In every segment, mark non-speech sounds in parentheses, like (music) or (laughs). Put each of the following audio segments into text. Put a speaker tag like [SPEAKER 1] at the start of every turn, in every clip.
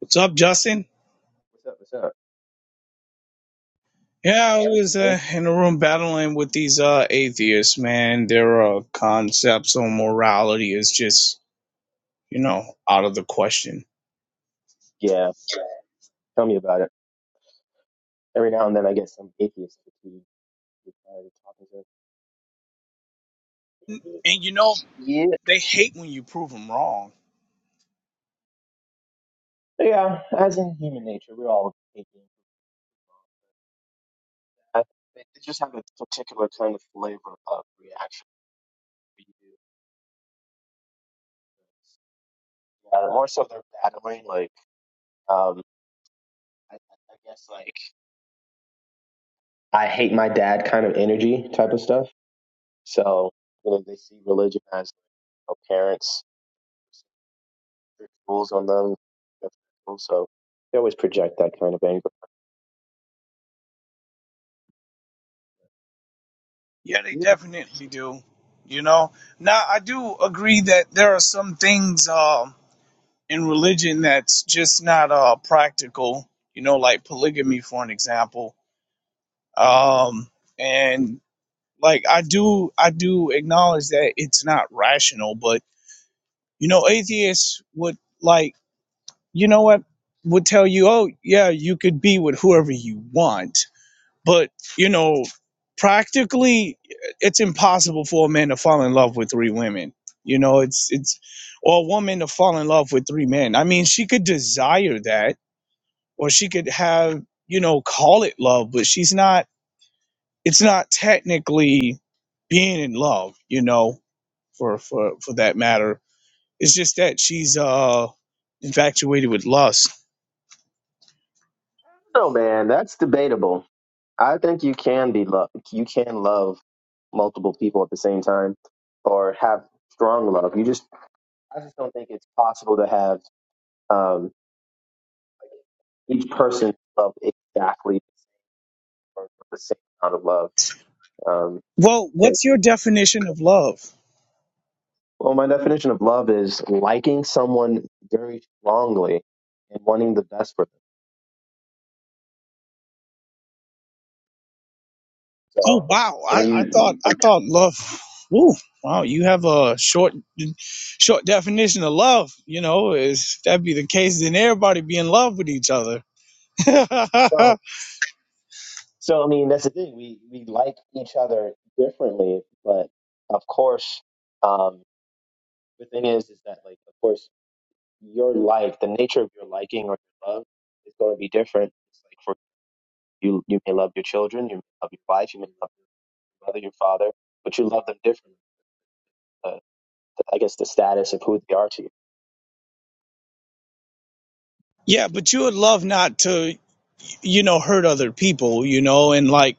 [SPEAKER 1] What's up, Justin?
[SPEAKER 2] What's up? What's up?
[SPEAKER 1] Yeah, I
[SPEAKER 2] So,
[SPEAKER 1] was
[SPEAKER 2] You here?
[SPEAKER 1] uh, in a room battling with these uh, atheists, man. Their uh, concepts on morality is just, you know, out of the question.
[SPEAKER 2] Yeah, tell me about it. Every now and then I get some atheist who who's tired talking to
[SPEAKER 1] And, you know,
[SPEAKER 2] (clears throat) Yeah,
[SPEAKER 1] they hate when you prove them wrong.
[SPEAKER 2] yeah. As in human nature, we're all atheists. I- They they just have a particular kind of flavor of reaction. We do. Uh, more so, they're battling like um, I, I guess like I hate my dad kind of energy type of stuff. So you know, they see religion as you know, parents rules on them. That's cool. So they always project that kind of anger.
[SPEAKER 1] Yeah, they
[SPEAKER 2] Yeah.
[SPEAKER 1] definitely do. You know, now I do agree that there are some things um in religion that's just not uh, practical, you know, like polygamy, for an example. Um, and like i do i do acknowledge that it's not rational but you know atheists would like you know what would tell you oh yeah you could be with whoever you want but you know practically it's impossible for a man to fall in love with three women you know it's it's or a woman to fall in love with three men i mean she could desire that or she could have you know call it love but she's not it's not technically being in love you know for for for that matter. It's just that she's uh infatuated with lust.
[SPEAKER 2] No, man, that's debatable. I think you can be love. You can love multiple people at the same time, or have strong love. You just, I just don't think it's possible to have um, each person love exactly the same or the same amount of love. Um,
[SPEAKER 1] Well,
[SPEAKER 2] but-
[SPEAKER 1] what's your definition of love?
[SPEAKER 2] well, my definition of love is liking someone very strongly and wanting the best for them.
[SPEAKER 1] Oh
[SPEAKER 2] So,
[SPEAKER 1] wow, I,
[SPEAKER 2] and
[SPEAKER 1] I thought
[SPEAKER 2] you,
[SPEAKER 1] I thought love. Ooh, wow, you have a short short definition of love. You know, if that be the case, then everybody be in love with each other.
[SPEAKER 2] So,
[SPEAKER 1] (laughs)
[SPEAKER 2] so I mean, that's the thing. We we like each other differently, but of course, um, the thing is, is that like, of course, your like the nature of your liking or your love is going to be different. It's like for you, you may love your children, you may love your wife, you may love your mother, your father, but you love them differently. Uh, I guess the status of who they are to you,
[SPEAKER 1] yeah, but you would love not to, you know, hurt other people. You know, and like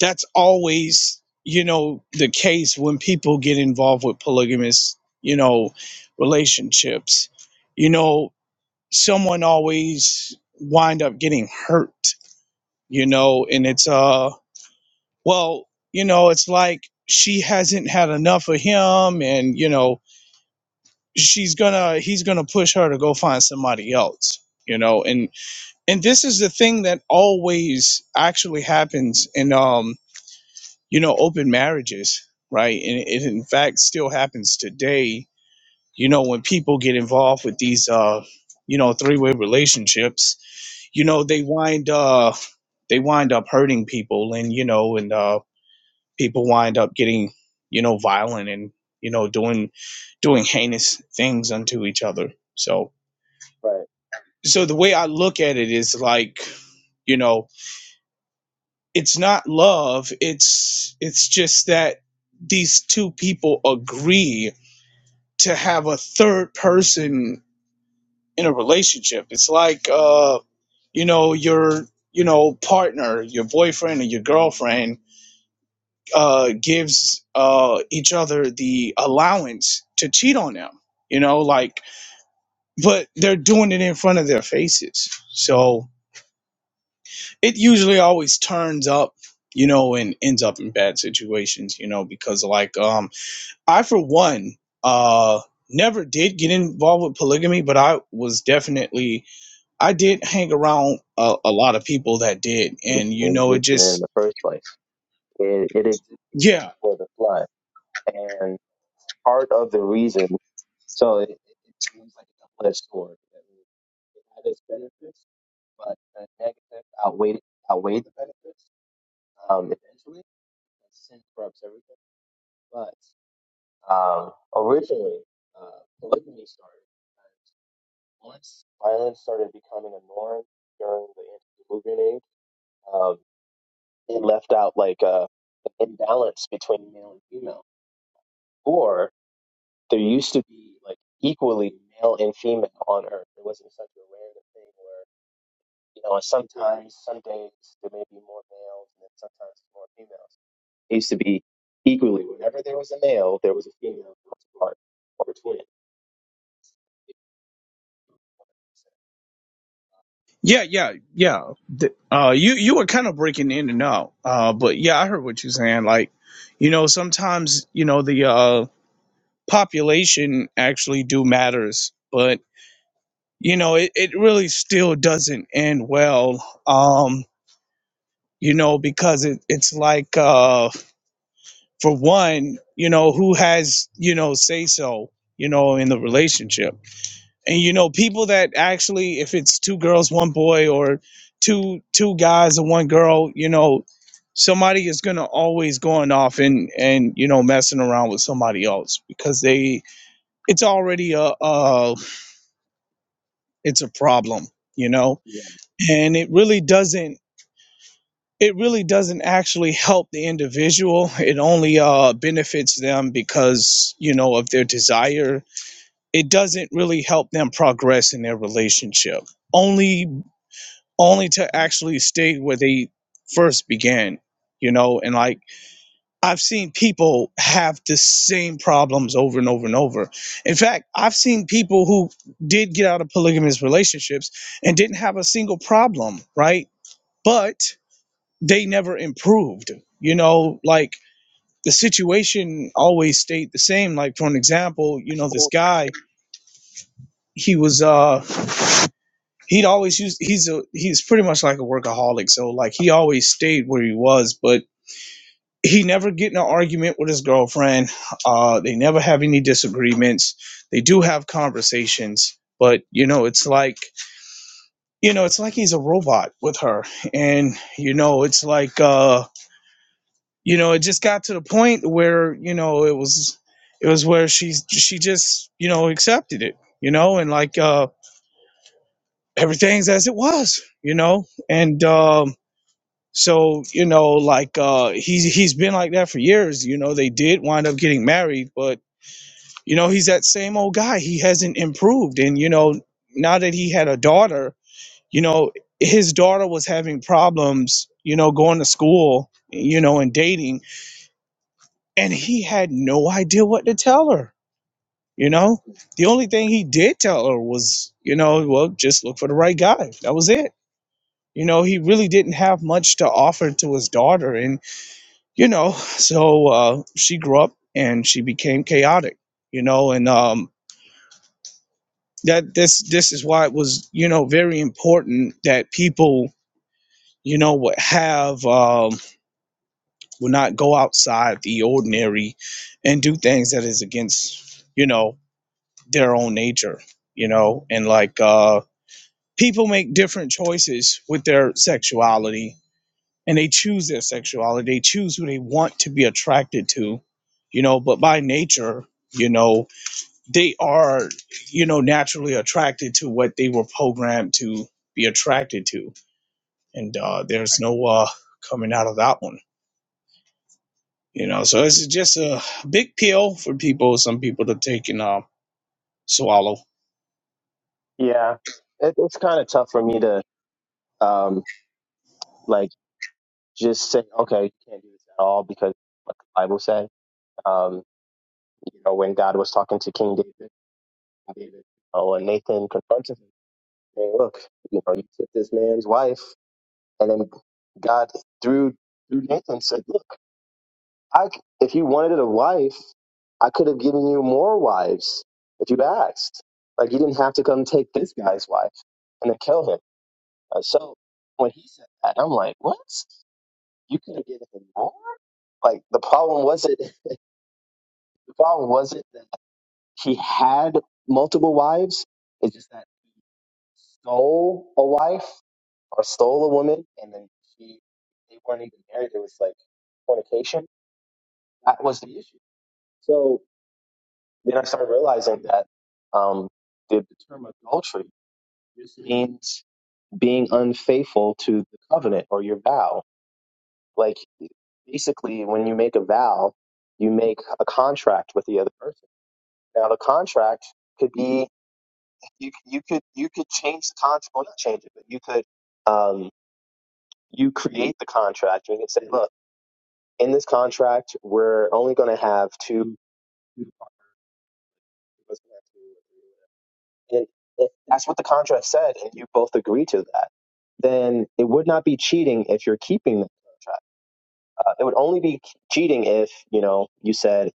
[SPEAKER 1] that's always you know the case when people get involved with polygamous you know relationships you know someone always wind up getting hurt you know and it's uh well you know it's like she hasn't had enough of him and you know she's gonna he's gonna push her to go find somebody else you know and and this is the thing that always actually happens in, um. you know, open marriages, right? And it in fact still happens today. You know, when people get involved with these, uh, you know, three-way relationships, you know, they wind, uh, they wind up hurting people, and you know, and uh, people wind up getting, you know, violent and you know, doing, doing heinous things unto each other. So,
[SPEAKER 2] right?
[SPEAKER 1] so the way I look at it is like, you know, it's not love. It's, it's just that these two people agree to have a third person in a relationship. It's like uh, you know, your you know, partner, your boyfriend or your girlfriend uh gives uh each other the allowance to cheat on them. You know, like but they're doing it in front of their faces. So it usually always turns up, you know, and ends up in bad situations, you know, because like um I for one uh never did get involved with polygamy, but I was definitely I did hang around a, a lot of people that did,
[SPEAKER 2] It could
[SPEAKER 1] and
[SPEAKER 2] be
[SPEAKER 1] you know, it
[SPEAKER 2] existed in
[SPEAKER 1] just
[SPEAKER 2] the first place. It it existed
[SPEAKER 1] yeah,
[SPEAKER 2] before the flood, and part of the reason So it, it, it was like a double-edged sword. It it had its benefits, but the negatives outweighed outweighed the benefits um, eventually. And sin corrupts everything. But um, originally, uh, polygamy started. And once violence started becoming a norm during the antediluvian age, um, it left out like a, an imbalance between male and female, or there used to be like equally male and female on Earth. It wasn't such a random thing You know, and sometimes, some days, there may be more males, and then sometimes more females. It used to be equally. Whenever there was a male, there was a female counterpart or twin.
[SPEAKER 1] yeah, yeah, yeah. The- uh, you you were kind of breaking in and out, uh, but yeah, I heard what you're saying. Like, you know, sometimes you know the uh, population actually do matters, but you know, it, it really still doesn't end well. Um, you know, because it, it's like uh, for one, you know, who has you know say so, you know, in the relationship and you know people that actually if it's two girls one boy or two two guys and one girl you know somebody is going to always going off and and you know messing around with somebody else because they it's already a a it's a problem you know
[SPEAKER 2] Yeah.
[SPEAKER 1] and it really doesn't it really doesn't actually help the individual it only uh benefits them because you know of their desire it doesn't really help them progress in their relationship only only to actually stay where they first began, you know, and like I've seen people have the same problems over and over and over. In fact, I've seen people who did get out of polygamous relationships and didn't have a single problem, right? But they never improved, you know, like the situation always stayed the same. Like for an example, you know, this guy, he was uh he'd always use he's a he's pretty much like a workaholic so like he always stayed where he was but he never get in an argument with his girlfriend. Uh, they never have any disagreements. They do have conversations, but you know, it's like you know, it's like he's a robot with her, and you know, it's like uh, you know, it just got to the point where you know it was it was where she's she just you know accepted it, you know, and like uh, everything's as it was, you know, and um, so you know, like uh, he's he's been like that for years. You know, they did wind up getting married, but You know, he's that same old guy. He hasn't improved. And, you know, now that he had a daughter, you know, his daughter was having problems, you know, going to school, you know, and dating. And he had no idea what to tell her, you know? The only thing he did tell her was, you know, well, just look for the right guy. That was it. You know, he really didn't have much to offer to his daughter. And, you know, so uh, she grew up and she became chaotic, you know, and, um, that this this is why it was you know very important that people you know would have um would not go outside the ordinary and do things that is against you know their own nature you know and like uh people make different choices with their sexuality and they choose their sexuality they choose who they want to be attracted to you know but by nature you know they are, you know, naturally attracted to what they were programmed to be attracted to, and uh, there's no uh, coming out of that one. You know, so it's just a big pill for people, some people to take and uh, swallow.
[SPEAKER 2] Yeah, it, it's kind of tough for me to um like just say, okay, you can't do this at all because what the Bible said. Um, you know, when God was talking to King David, David, oh, and Nathan confronted him, saying, look, you know, you took this man's wife. And then God through through Nathan said, "Look, I c- if you wanted a wife, I could have given you more wives if you asked. Like you didn't have to come take this guy's wife and then kill him." Uh, so when he said that, I'm like, "What? You could have given him more?" Like the problem wasn't (laughs) the problem wasn't that he had multiple wives. It's just that. stole a wife or stole a woman, and then she they weren't even married. It was like fornication. That was the issue. So then I started realizing that um, the, the term adultery just means being unfaithful to the covenant or your vow. Like basically, when you make a vow, you make a contract with the other person. Now the contract could be you you could you could change the contract, well not change it, but you could. Um, you create the contract and you can say, look, in this contract, we're only going to have two. (laughs) And if that's what the contract said, and you both agree to that, then it would not be cheating if you're keeping the contract. Uh, it would only be cheating if you know you said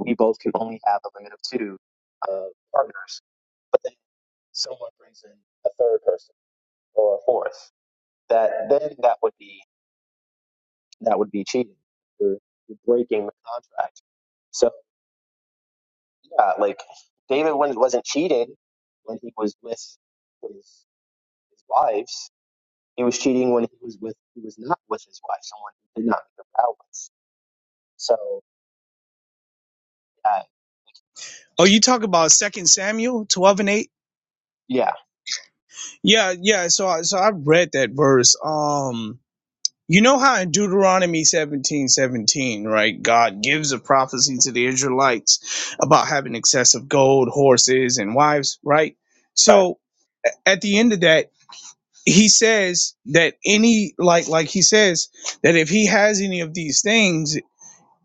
[SPEAKER 2] we both can only have a limit of two uh, partners, but then someone brings in a third person or a fourth. That then that would be that would be cheating. You're, you're breaking the contract. So Yeah, like David when wasn't cheated when he was with his, his wives. He was cheating when he was with he was not with his wife, someone who did not make a vow with. So uh,
[SPEAKER 1] Oh, you talk about Second Samuel twelve and eight?
[SPEAKER 2] yeah,
[SPEAKER 1] Yeah, yeah. So, I so I read that verse. Um, You know how in Deuteronomy seventeen seventeen, right, God gives a prophecy to the Israelites about having excessive gold, horses, and wives, right?
[SPEAKER 2] right.
[SPEAKER 1] So at the end of that, he says that any like like he says that if he has any of these things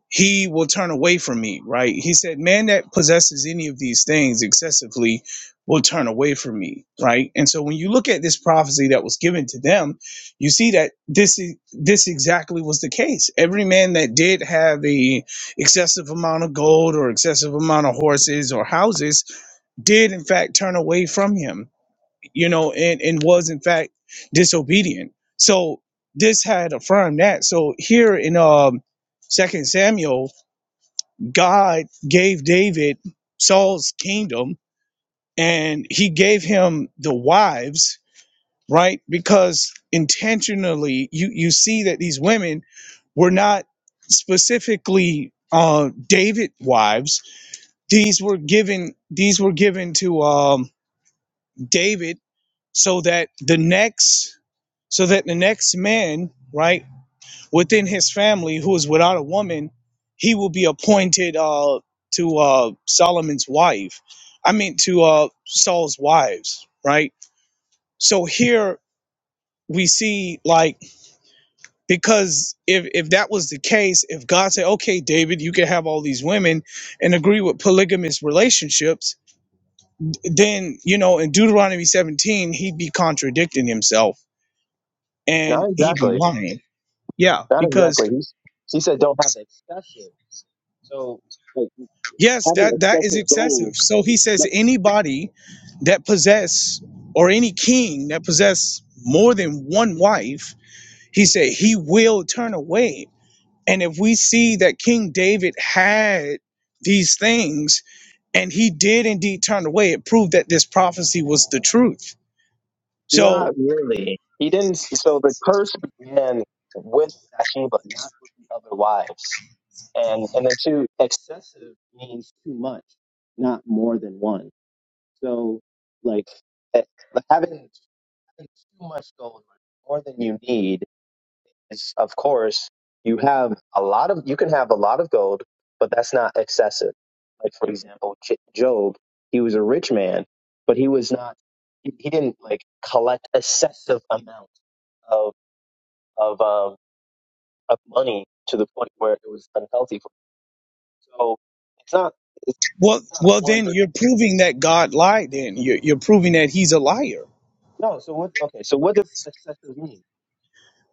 [SPEAKER 1] he will turn away from me, right? He said, Man that possesses any of these things excessively will turn away from me, right? And so when you look at this prophecy that was given to them, you see that this is this exactly was the case. Every man that did have a excessive amount of gold or excessive amount of horses or houses did in fact turn away from him, you know, and, and was in fact disobedient. So this had affirmed that. So here in um Second Samuel God gave David Saul's kingdom and he gave him the wives, right? Because intentionally you you see that these women were not specifically uh David wives. These were given these were given to um David so that the next so that the next man, right? within his family who is without a woman, he will be appointed uh, to uh, Solomon's wife. I mean, to uh, Saul's wives, right? So here we see, like, because if, if that was the case, if God said, okay, David, you can have all these women and agree with polygamous relationships, then, you know, in Deuteronomy 17, he'd be contradicting himself and
[SPEAKER 2] Not
[SPEAKER 1] he'd be
[SPEAKER 2] exactly.
[SPEAKER 1] lying. Yeah,
[SPEAKER 2] Not
[SPEAKER 1] because
[SPEAKER 2] exactly. He's he said don't have excessive. So like
[SPEAKER 1] Yes,
[SPEAKER 2] having
[SPEAKER 1] that that is
[SPEAKER 2] excessive goals.
[SPEAKER 1] excessive. So he says
[SPEAKER 2] No,
[SPEAKER 1] anybody that possess or any king that possess more than one wife, he said he will turn away. And if we see that King David had these things and he did indeed turn away, it proved that this prophecy was the truth.
[SPEAKER 2] not
[SPEAKER 1] So
[SPEAKER 2] really. He didn't. So the curse began with Bathsheba, not with the other wives. And and then two, excessive means too much, not more than one. So like eh, like having, having too much gold, more than you need is of course you have a lot of you can have a lot of gold, but that's not excessive. Like for example, J- Job, he was a rich man, but he was not he, he didn't like collect excessive amount of of um of money to the point where it was unhealthy for him. So it's not.
[SPEAKER 1] well well
[SPEAKER 2] one,
[SPEAKER 1] then
[SPEAKER 2] but
[SPEAKER 1] you're proving that God lied then. You're, you're proving that he's a liar.
[SPEAKER 2] no. So what? Okay. So what does excessive mean?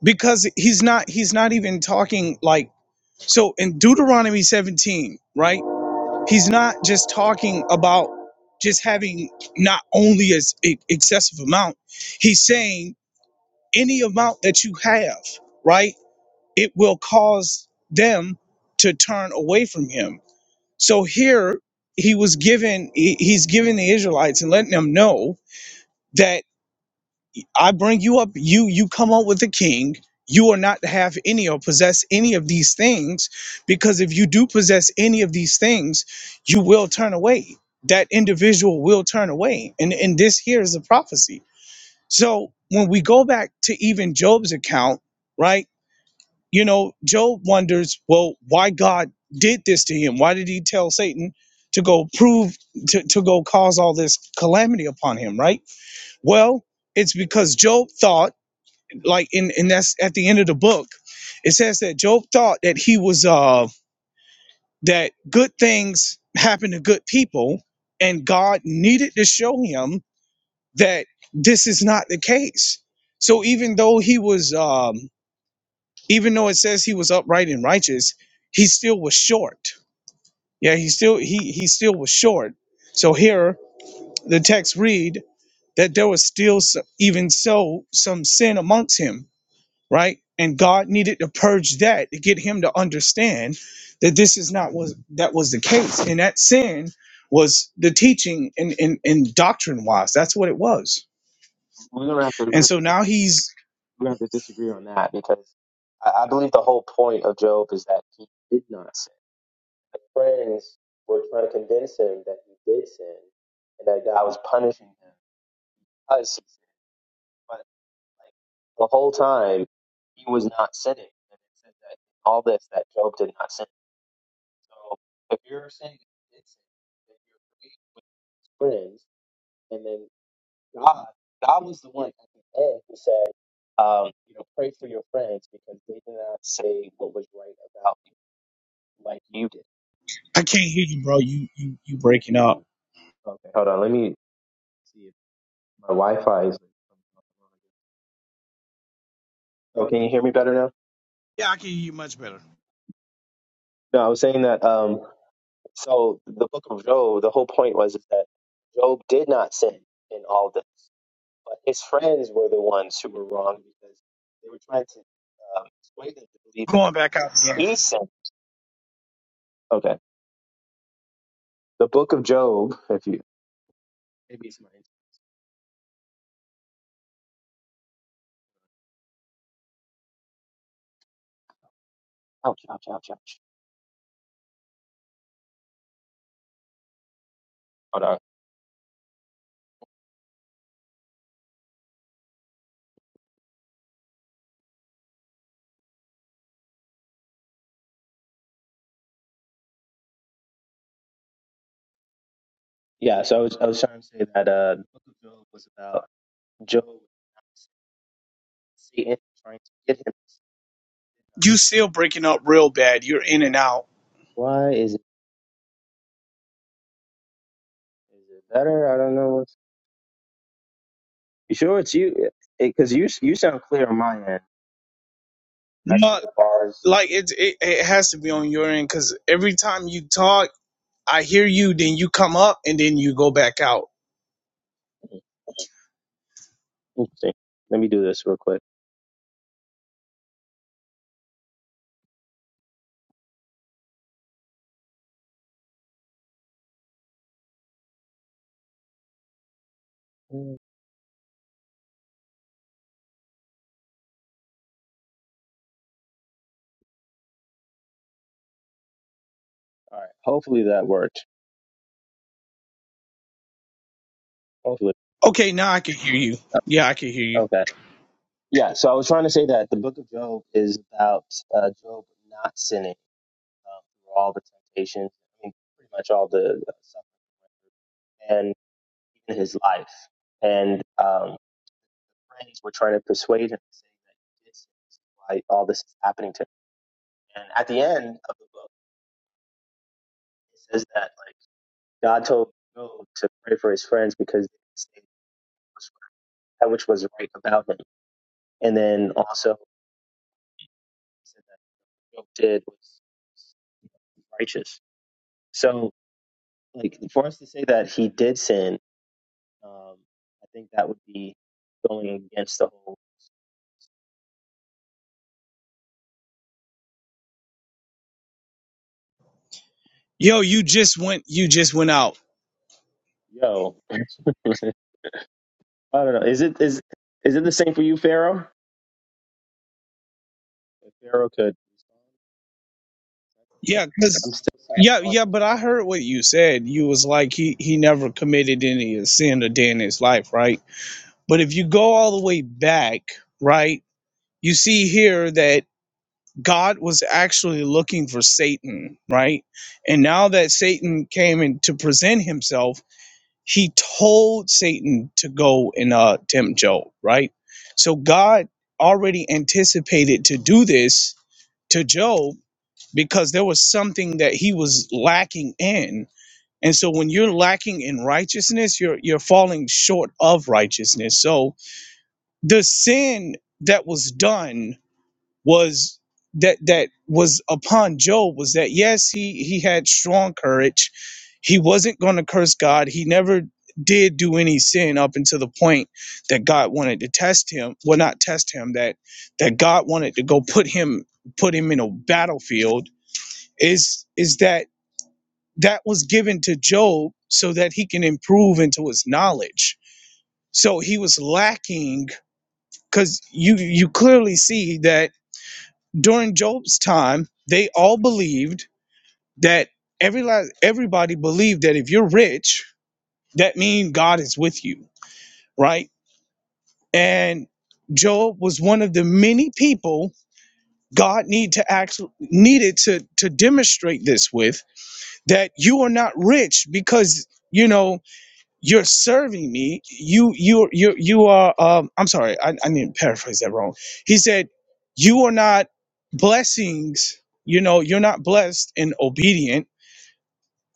[SPEAKER 1] Because he's not he's not even talking like So in Deuteronomy 17, right? He's not just talking about just having not only as e- excessive amount. He's saying any amount that you have, right? It will cause them to turn away from him. So here he was given he- he's giving the Israelites and letting them know that. I bring you up, you you come up with a king. You are not to have any or possess any of these things, because if you do possess any of these things, you will turn away. That individual will turn away. And and this here is a prophecy. So when we go back to even Job's account, right? You know, Job wonders, well, why God did this to him? Why did he tell Satan to go prove to, to go cause all this calamity upon him, right? Well, it's because Job thought like in and that's at the end of the book it says that job thought that he was uh that good things happen to good people and god needed to show him that this is not the case so even though he was um even though it says he was upright and righteous he still was short yeah he still he he still was short so here the text read that there was still some, even so some sin amongst him right? And God needed to purge that to get him to understand that this is not was that was the case. And that sin was the teaching and and, and doctrine wise. That's what it was.
[SPEAKER 2] We're gonna have to
[SPEAKER 1] And
[SPEAKER 2] agree
[SPEAKER 1] so now he's
[SPEAKER 2] agree on that because I, I believe the whole point of Job is that he did not sin. His friends were trying to convince him that he did sin and that God was punishing him because he sinned. But like the whole time, he was not sinning. And it says that all this that Job did not sin. So if you're saying that he did sin, then you're agreeing with his friends, and then God, God was the one at the end who said, um, you know, pray for your friends because they did not say what was right about you like you did.
[SPEAKER 1] I can't hear you, bro. You you you breaking up.
[SPEAKER 2] Okay, hold on. See if my Wi-Fi is. Oh, can you hear me better now?
[SPEAKER 1] Yeah, I can hear you much better.
[SPEAKER 2] No, I was saying that. Um, so the book of Job, the whole point was is that Job did not sin in all this, but his friends were the ones who were wrong because they were trying to um, persuade them to believe that
[SPEAKER 1] Going back out again.
[SPEAKER 2] he sinned. Okay, the book of Job, if you maybe it's mine. Ouch, ouch, ouch, ouch. Hold on. Yeah, so I was, I was trying to say that uh, the book of Job was about Job Satan trying to get him.
[SPEAKER 1] You still breaking up real bad. You're in and out.
[SPEAKER 2] Why is it, is it better? I don't know. What's, you sure it's you? Because you you sound clear on my end. I
[SPEAKER 1] No,
[SPEAKER 2] see the bars.
[SPEAKER 1] like it, it it has to be on your end because every time you talk i hear you then you come up and then you go back out
[SPEAKER 2] Interesting. Let me do this real quick. Mm. All right. Hopefully that worked. Hopefully.
[SPEAKER 1] okay now i can hear you yeah i can hear you
[SPEAKER 2] Okay. Yeah, so I was trying to say that the book of Job is about uh, Job not sinning um, through all the temptations, I mean, pretty much all the uh, suffering, and even his life. And um, friends were trying to persuade him to say that he did sin. This is why all this is happening to him. And at the end of the book, it says that like God told Job to pray for his friends because they didn't say that which was right about him. And then also, he said that Job did was righteous. So, like, for us to say that he did sin Um, I think that would be going against the whole
[SPEAKER 1] yo you just went you just went out
[SPEAKER 2] yo. (laughs) I don't know. Is it is is it the same for you, Pharaoh? If Pharaoh could, respond,
[SPEAKER 1] Yeah,
[SPEAKER 2] I'm
[SPEAKER 1] because
[SPEAKER 2] still seeing
[SPEAKER 1] yeah, yeah,
[SPEAKER 2] Barnabas.
[SPEAKER 1] but I heard what you said. You was like he he never committed any sin a day in his life, right? But if you go all the way back, right, you see here that God was actually looking for Satan, right? And now that Satan came in to present himself, he told Satan to go and uh tempt Job, right? So God already anticipated to do this to Job because there was something that he was lacking in. And so when you're lacking in righteousness, you're you're falling short of righteousness. So the sin that was done was that that was upon Job was that yes, he he had strong courage. He wasn't going to curse God. He never did do any sin up until the point that God wanted to test him. Well, not test him that that God wanted to go put him put him in a battlefield is is that that was given to Job so that he can improve into his knowledge. So he was lacking because you you clearly see that during Job's time they all believed that every la- everybody believed that if you're rich that means God is with you, right? And Job was one of the many people God need to actually needed to to demonstrate this with that you are not rich because you know you're serving me you you you you are um i'm sorry i, I need to paraphrase that wrong he said you are not blessings you know you're not blessed and obedient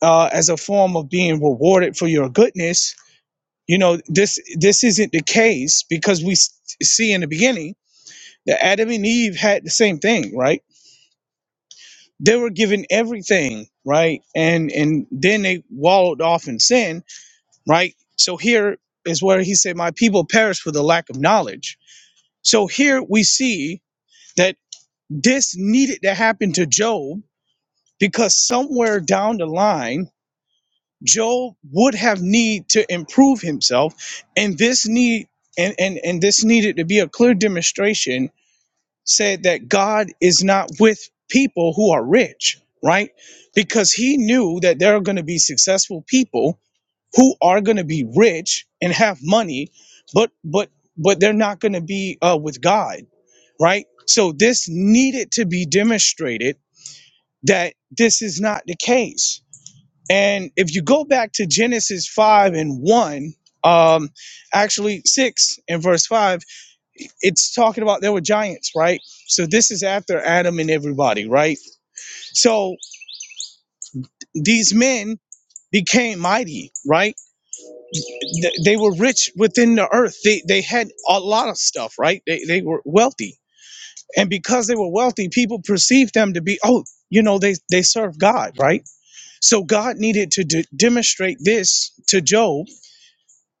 [SPEAKER 1] uh, as a form of being rewarded for your goodness you know this this isn't the case because we s- see in the beginning that adam and eve had the same thing right they were given everything right and and then they wallowed off in sin right? So here is where he said, My people perish for the lack of knowledge. So here we see that this needed to happen to Job because somewhere down the line, Job would have need to improve himself. And this need and, and, and this needed to be a clear demonstration said that God is not with people who are rich, right? Because he knew that there are going to be successful people who are going to be rich and have money but but but they're not going to be uh, with god right so this needed to be demonstrated that this is not the case and if you go back to genesis 5 and 1 um actually 6 and verse 5 it's talking about there were giants right so this is after adam and everybody right so these men became mighty right th- they were rich within the earth. They they had a lot of stuff, right? They they were wealthy, and because they were wealthy, people perceived them to be oh, you know, they they serve God, right? So God needed to de- demonstrate this to Job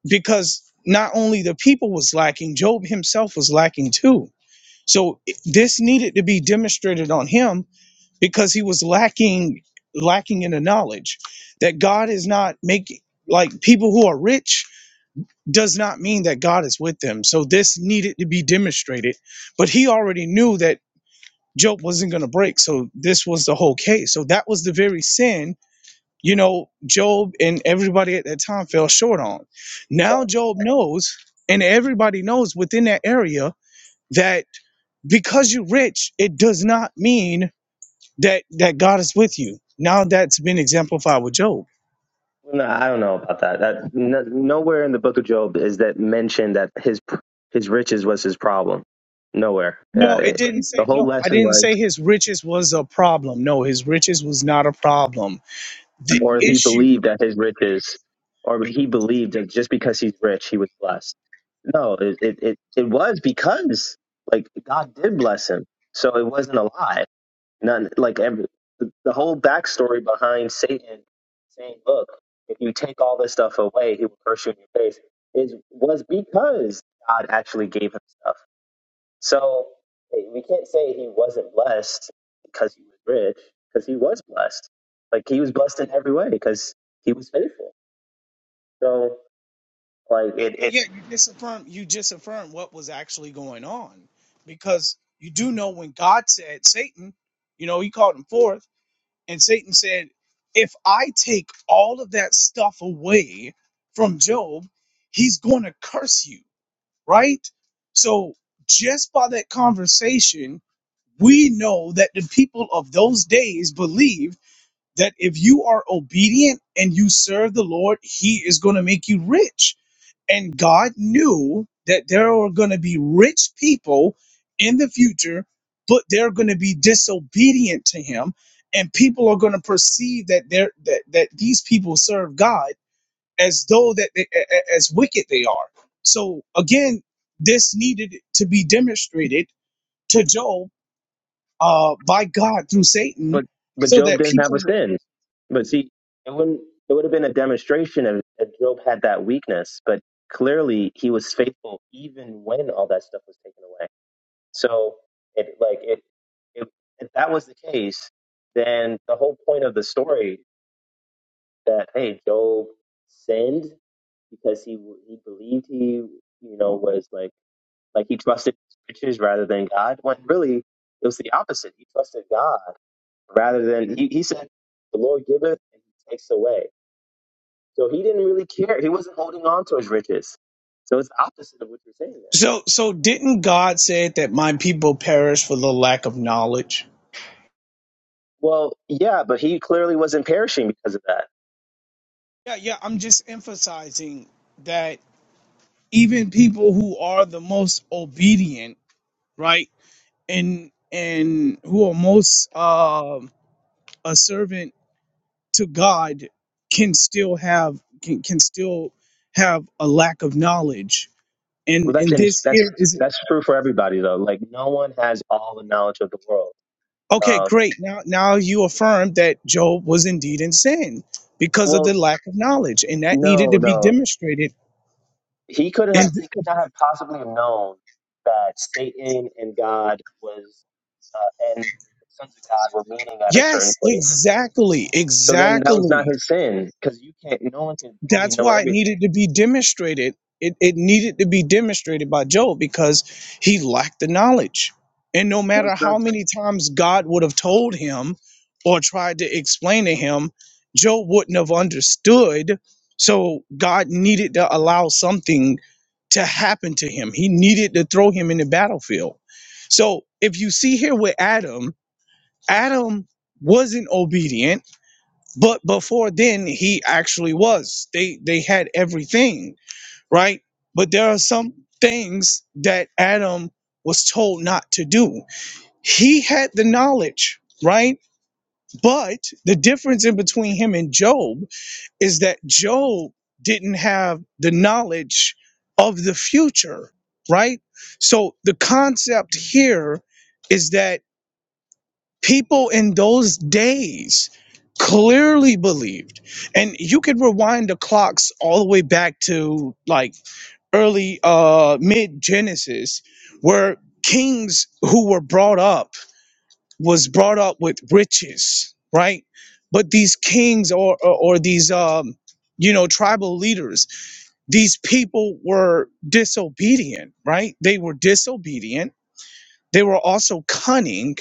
[SPEAKER 1] because not only the people was lacking, Job himself was lacking too. So i- this needed to be demonstrated on him because he was lacking lacking in the knowledge that God is not making like people who are rich does not mean that God is with them. So this needed to be demonstrated. But he already knew that Job wasn't going to break. So this was the whole case. So that was the very sin, you know, Job and everybody at that time fell short on. Now
[SPEAKER 2] Well,
[SPEAKER 1] Job knows, and everybody knows within that area that because you're rich, it does not mean that that God is with you. Now that's been exemplified with Job.
[SPEAKER 2] no, I don't know about that. That no, nowhere in the Book of Job is that mentioned that his his riches was his problem. Nowhere. Uh,
[SPEAKER 1] No, it
[SPEAKER 2] it,
[SPEAKER 1] didn't
[SPEAKER 2] the
[SPEAKER 1] say.
[SPEAKER 2] whole
[SPEAKER 1] No, I
[SPEAKER 2] lesson
[SPEAKER 1] didn't
[SPEAKER 2] was.
[SPEAKER 1] say his riches was a problem. No, his riches was not a problem. The
[SPEAKER 2] or he
[SPEAKER 1] issue.
[SPEAKER 2] believed that his riches, or he believed that just because he's rich, he was blessed. No, it, it, it, it was because like God did bless him. So it wasn't a lie. None, like every, the the whole backstory behind Satan saying, look, if you take all this stuff away, he will curse you in your face is, was because God actually gave him stuff. So eh, we can't say he wasn't blessed because he was rich, because he was blessed. Like he was blessed in every way because he was faithful. So like it,
[SPEAKER 1] So
[SPEAKER 2] it
[SPEAKER 1] yeah, you disaffirm. You disaffirm what was actually going on, because you do know when God said Satan, you know, He called him forth, and Satan said, "If I take all of that stuff away from Job, he's going to curse you." Right. So just by that conversation, we know that the people of those days believed that if you are obedient and you serve the Lord, He is going to make you rich. And God knew that there are going to be rich people in the future, but they're going to be disobedient to Him, and people are going to perceive that they're that that these people serve God as though that they, a- a- as wicked they are. So again, this needed to be demonstrated to Job uh, by God through Satan,
[SPEAKER 2] but but
[SPEAKER 1] so
[SPEAKER 2] Job
[SPEAKER 1] that
[SPEAKER 2] didn't have
[SPEAKER 1] people.
[SPEAKER 2] a
[SPEAKER 1] would.
[SPEAKER 2] sin. But see, it wouldn't it would have been a demonstration if, if Job had that weakness, but clearly he was faithful even when all that stuff was taken away. So it like it if, if that was the case, then the whole point of the story that hey, Job sinned because he he believed he you know was like like he trusted his riches rather than God. When really it was the opposite. He trusted God rather than he, he said, "The Lord giveth and He takes away." So he didn't really care. He wasn't holding on to his riches. So it's opposite of what you're saying there.
[SPEAKER 1] So, so didn't God say that my people perish for the lack of knowledge?
[SPEAKER 2] Well, yeah, but he clearly wasn't perishing because of that.
[SPEAKER 1] Yeah, yeah. I'm just emphasizing that even people who are the most obedient, right, and and who are most um a servant to God, can still have can, can still have a lack of knowledge. And
[SPEAKER 2] Well, that's
[SPEAKER 1] and
[SPEAKER 2] in,
[SPEAKER 1] this
[SPEAKER 2] that's
[SPEAKER 1] here is
[SPEAKER 2] that's true for everybody though. Like no one has all the knowledge of the world.
[SPEAKER 1] Okay,
[SPEAKER 2] Um,
[SPEAKER 1] great. Now, now you affirm that Job was indeed in sin because of
[SPEAKER 2] well,
[SPEAKER 1] the lack of knowledge, and that needed
[SPEAKER 2] no,
[SPEAKER 1] to be
[SPEAKER 2] no,
[SPEAKER 1] demonstrated.
[SPEAKER 2] he could
[SPEAKER 1] And
[SPEAKER 2] have he could not have possibly known that Satan and God was uh, and the sons of God were meeting at a certain
[SPEAKER 1] yes,
[SPEAKER 2] place.
[SPEAKER 1] exactly,
[SPEAKER 2] So then that was not
[SPEAKER 1] exactly.
[SPEAKER 2] his sin because you can't. No one can fully
[SPEAKER 1] that's
[SPEAKER 2] know
[SPEAKER 1] why it
[SPEAKER 2] everything.
[SPEAKER 1] needed to be demonstrated. It, it needed to be demonstrated by Job because he lacked the knowledge. And no
[SPEAKER 2] That
[SPEAKER 1] matter
[SPEAKER 2] was not-
[SPEAKER 1] how many times God would have told him or tried to explain to him, Job wouldn't have understood. So God needed to allow something to happen to him. He needed to throw him in the battlefield. So if you see here with Adam, Adam wasn't obedient but before then he actually was they they had everything right but there are some things that adam was told not to do he had the knowledge right but the difference in between him and job is that job didn't have the knowledge of the future right so the concept here is that people in those days clearly believed and you could rewind the clocks all the way back to like early uh mid genesis where kings who were brought up was brought up with riches right but these kings or or, or these um you know tribal leaders these people were disobedient right they were disobedient they were also cunning,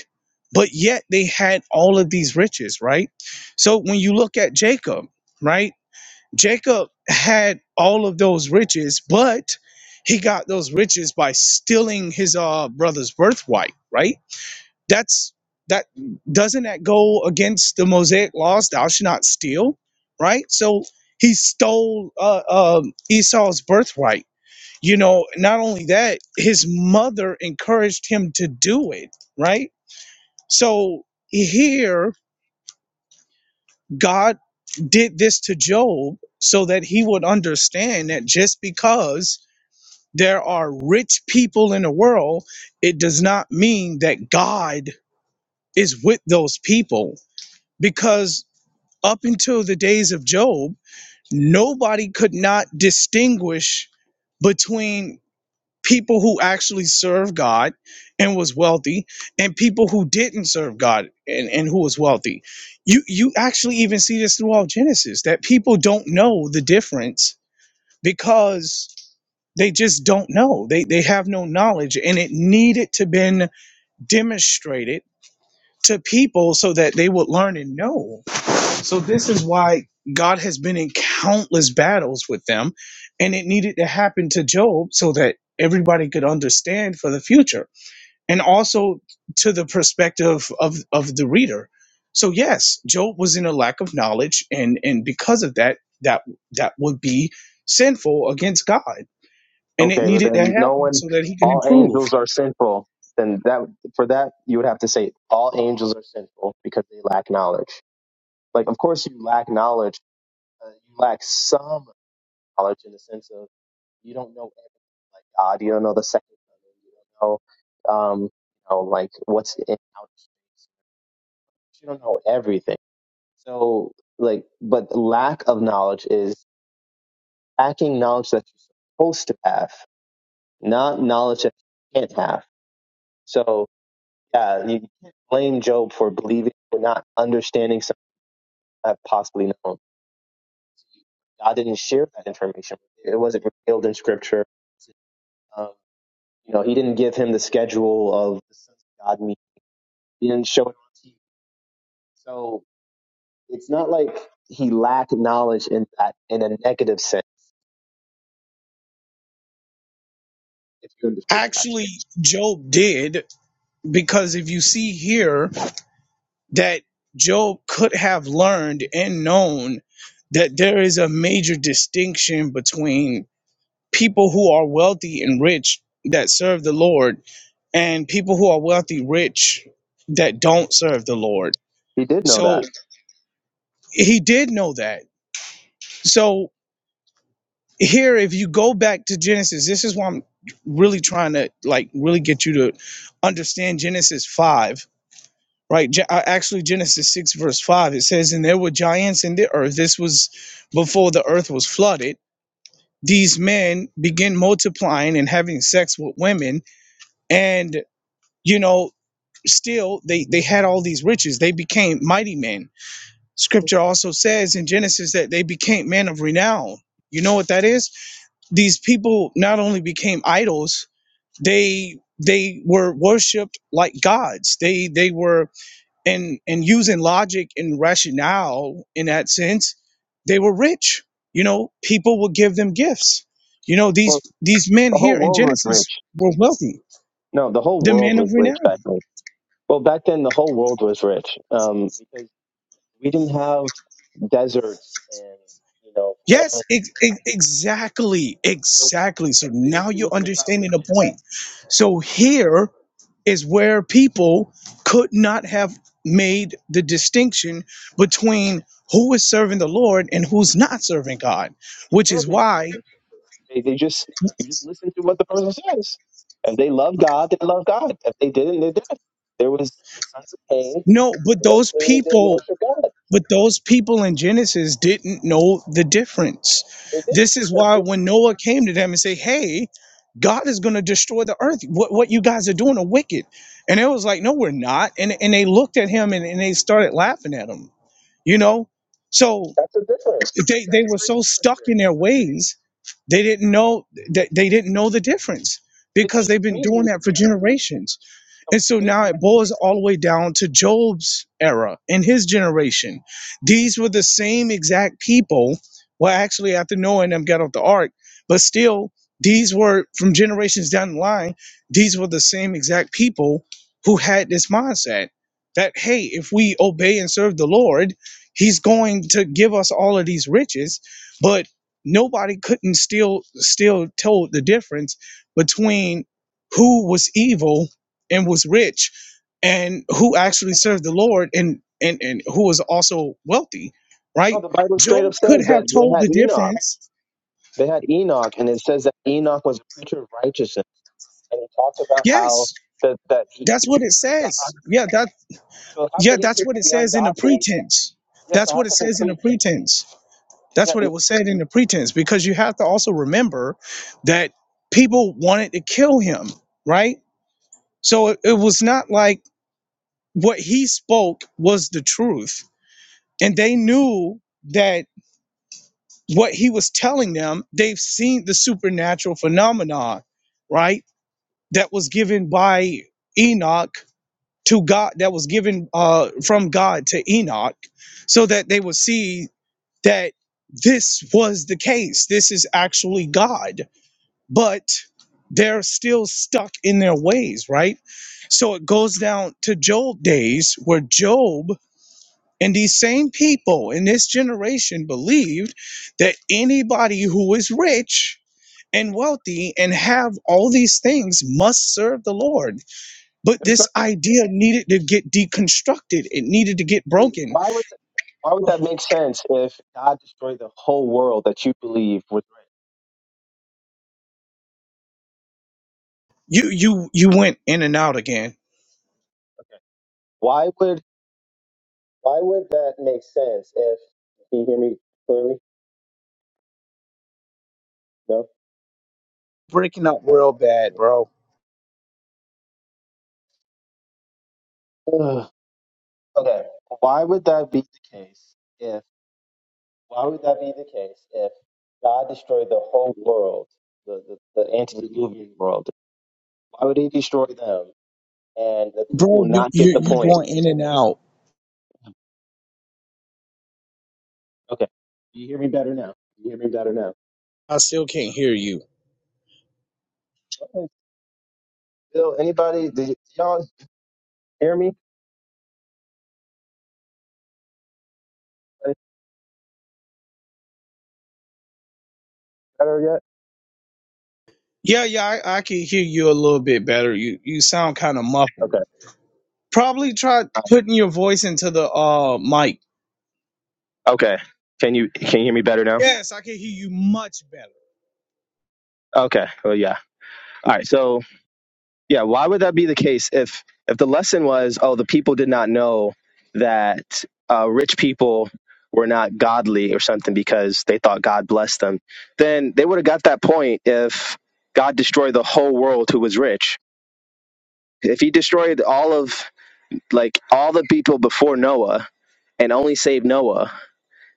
[SPEAKER 1] but yet they had all of these riches, right? So when you look at Jacob, right? Jacob had all of those riches, but he got those riches by stealing his uh, brother's birthright, right? That's that doesn't that go against the Mosaic laws? Thou shalt not steal, right? So he stole uh, um Esau's birthright you know, not only that, his mother encouraged him to do it, right? So here, God did this to Job so that he would understand that just because there are rich people in the world, it does not mean that God is with those people. Because up until the days of Job, nobody could not distinguish between people who actually served God and was wealthy, and people who didn't serve God and, and who was wealthy. You you actually even see this throughout Genesis that people don't know the difference because they just don't know. They they have no knowledge and it needed to been demonstrated to people so that they would learn and know. So this is why God has been in countless battles with them, and it needed to happen to Job so that everybody could understand for the future, and also to the perspective of of the reader. So yes, Job was in a lack of knowledge, and and because of that, that that would be sinful against God, and it
[SPEAKER 2] okay, but
[SPEAKER 1] needed to
[SPEAKER 2] then no
[SPEAKER 1] happen
[SPEAKER 2] one.
[SPEAKER 1] so that he can
[SPEAKER 2] All
[SPEAKER 1] improve.
[SPEAKER 2] angels are sinful. Then that for that you would have to say all angels are sinful because they lack knowledge. Like of course you lack knowledge. Uh, you lack some knowledge in the sense of You don't know everything like God. You don't know the second coming. You don't know, um, you know, like what's in and out. You don't know everything. So, like, but lack of knowledge is lacking knowledge that you're supposed to have, not knowledge that you can't have. So, yeah, you can't blame Job for believing or not understanding something that I've possibly known. God didn't share that information. It wasn't revealed in Scripture. Um, you know, He didn't give him the schedule of the sons of God. meeting He didn't show it on TV. So it's not like he lacked knowledge in that in a negative sense, if you understood that.
[SPEAKER 1] Actually, Job did because if you see here that Job could have learned and known that there is a major distinction between people who are wealthy and rich that serve the Lord and people who are wealthy rich that don't serve the Lord.
[SPEAKER 2] He did know
[SPEAKER 1] So
[SPEAKER 2] that.
[SPEAKER 1] he did know that. So here if you go back to Genesis, this is why I'm really trying to like really get you to understand Genesis 5 right? Ge- uh, Actually, Genesis 6, verse 5, it says, And there were giants in the earth. This was before the earth was flooded. These men begin multiplying and having sex with women. And, you know, still they, they had all these riches. They became mighty men. Scripture also says in Genesis that they became men of renown. You know what that is? These people not only became idols, they they were worshipped like gods. They they were and and using logic and rationale in that sense they were rich you know people would give them gifts you know these
[SPEAKER 2] Well,
[SPEAKER 1] these men
[SPEAKER 2] the whole
[SPEAKER 1] here in
[SPEAKER 2] world was
[SPEAKER 1] genesis
[SPEAKER 2] rich.
[SPEAKER 1] were wealthy
[SPEAKER 2] No, the whole
[SPEAKER 1] the
[SPEAKER 2] world
[SPEAKER 1] men
[SPEAKER 2] was
[SPEAKER 1] of
[SPEAKER 2] rich
[SPEAKER 1] renown
[SPEAKER 2] back then. Well, back then the whole world was rich um, because we didn't have deserts and you know
[SPEAKER 1] yes
[SPEAKER 2] famine.
[SPEAKER 1] ex- ex- exactly
[SPEAKER 2] So the,
[SPEAKER 1] exactly so
[SPEAKER 2] the
[SPEAKER 1] now
[SPEAKER 2] issue
[SPEAKER 1] you're
[SPEAKER 2] wasn't about
[SPEAKER 1] understanding the
[SPEAKER 2] riches.
[SPEAKER 1] point
[SPEAKER 2] No,
[SPEAKER 1] so here is where people could not have made the distinction between who is serving the lord and who's not serving god
[SPEAKER 2] you
[SPEAKER 1] which is
[SPEAKER 2] could make a
[SPEAKER 1] why
[SPEAKER 2] distinction. They, they just you just listen to what the person says, and they love God. They love God. If they didn't, they did. There was the sons of Cain.
[SPEAKER 1] No, but
[SPEAKER 2] They
[SPEAKER 1] those
[SPEAKER 2] clearly didn't
[SPEAKER 1] people,
[SPEAKER 2] worship God.
[SPEAKER 1] but those people in Genesis didn't know the difference.
[SPEAKER 2] They did
[SPEAKER 1] This is
[SPEAKER 2] because
[SPEAKER 1] why when Noah came to them and said, "Hey, God is going to destroy the earth. What what you guys are doing are wicked," and it was like, "No, we're not." And and they looked at him and, and they started laughing at him. You know, so
[SPEAKER 2] that's a difference.
[SPEAKER 1] they they
[SPEAKER 2] That's a
[SPEAKER 1] were
[SPEAKER 2] great
[SPEAKER 1] so
[SPEAKER 2] difference
[SPEAKER 1] stuck
[SPEAKER 2] there.
[SPEAKER 1] in their ways they didn't know that they didn't know the difference
[SPEAKER 2] They
[SPEAKER 1] because
[SPEAKER 2] did.
[SPEAKER 1] they've been
[SPEAKER 2] Cain
[SPEAKER 1] doing
[SPEAKER 2] knew the
[SPEAKER 1] that for
[SPEAKER 2] difference.
[SPEAKER 1] generations.
[SPEAKER 2] No,
[SPEAKER 1] And so
[SPEAKER 2] Cain
[SPEAKER 1] now it
[SPEAKER 2] knew the
[SPEAKER 1] boils
[SPEAKER 2] difference.
[SPEAKER 1] all the way down to Job's era and his generation. These were the same exact people. Well, actually, after Noah and them got off the ark, but still, these were from generations down the line, these were the same exact people who had this mindset that, hey, if we obey and serve the Lord, he's going to give us all of these riches. But nobody couldn't still still tell the difference between who was evil and was rich and who actually served the Lord and and and who was also wealthy,
[SPEAKER 2] No,
[SPEAKER 1] right?
[SPEAKER 2] the Bible straight
[SPEAKER 1] Job
[SPEAKER 2] up
[SPEAKER 1] could
[SPEAKER 2] says
[SPEAKER 1] have
[SPEAKER 2] that they
[SPEAKER 1] told
[SPEAKER 2] had
[SPEAKER 1] the
[SPEAKER 2] Enoch.
[SPEAKER 1] difference.
[SPEAKER 2] They had Enoch, and it says that Enoch was a preacher of righteousness, and he talked about how
[SPEAKER 1] Yes,
[SPEAKER 2] that that he,
[SPEAKER 1] that's
[SPEAKER 2] he
[SPEAKER 1] what
[SPEAKER 2] preached.
[SPEAKER 1] it
[SPEAKER 2] to the
[SPEAKER 1] says.
[SPEAKER 2] God-
[SPEAKER 1] Yeah, that
[SPEAKER 2] So how
[SPEAKER 1] yeah,
[SPEAKER 2] could he
[SPEAKER 1] that's
[SPEAKER 2] preach
[SPEAKER 1] what
[SPEAKER 2] to
[SPEAKER 1] it
[SPEAKER 2] the
[SPEAKER 1] says in the
[SPEAKER 2] ungodly?
[SPEAKER 1] pretense.
[SPEAKER 2] Yes. Yeah, so
[SPEAKER 1] That's
[SPEAKER 2] how
[SPEAKER 1] what it
[SPEAKER 2] could they
[SPEAKER 1] says in the
[SPEAKER 2] preach?
[SPEAKER 1] pretense.
[SPEAKER 2] Yeah.
[SPEAKER 1] That's what it was said in the pretense because you have to also remember that people wanted to kill him, right? So it, it was not like what he spoke was the truth and they knew that what he was telling them, they've seen the supernatural phenomenon, right? That was given by Enoch to God, that was given uh, from God to Enoch, so that they would see that this was the case. This is actually God, but they're still stuck in their ways, right? So it goes down to Job days where Job and these same people in this generation believed that anybody who is rich and wealthy and have all these things must serve the Lord. But
[SPEAKER 2] It's
[SPEAKER 1] this
[SPEAKER 2] not,
[SPEAKER 1] idea needed to get deconstructed, it needed to get
[SPEAKER 2] wait,
[SPEAKER 1] broken
[SPEAKER 2] why would that, why would that make sense if God destroyed the whole world that you believe was right?
[SPEAKER 1] you you you went in and out again.
[SPEAKER 2] Okay. Why would why would that make sense if can you hear me clearly? No.
[SPEAKER 1] Breaking up real bad,
[SPEAKER 2] Okay.
[SPEAKER 1] bro.
[SPEAKER 2] Ugh. Okay. Why would that be the case if why would that be the case if God destroyed the whole world, the the, the antediluvian world? Why would He destroy them and the people
[SPEAKER 1] Bro, you
[SPEAKER 2] not get
[SPEAKER 1] you
[SPEAKER 2] the
[SPEAKER 1] you
[SPEAKER 2] point?
[SPEAKER 1] going in and out.
[SPEAKER 2] Okay. Do you hear me better now? Do you hear me better now?
[SPEAKER 1] I still can't hear you.
[SPEAKER 2] Bill, anybody? Did, y- y'all hear me Any better yet?
[SPEAKER 1] Yeah, yeah, I, I can hear you a little bit better. You you sound kind of muffled.
[SPEAKER 2] Okay.
[SPEAKER 1] Probably try
[SPEAKER 2] Um,
[SPEAKER 1] putting your voice into the uh mic.
[SPEAKER 2] okay. Can you can you hear me better now?
[SPEAKER 1] Yes, I can hear you much better.
[SPEAKER 2] Okay. Well, yeah. All right. So yeah, why would that be the case if if the lesson was, oh, the people did not know that uh, rich people were not godly or something because they thought God blessed them, then they would have got that point if God destroyed the whole world who was rich. If He destroyed all of like all the people before Noah and only saved Noah,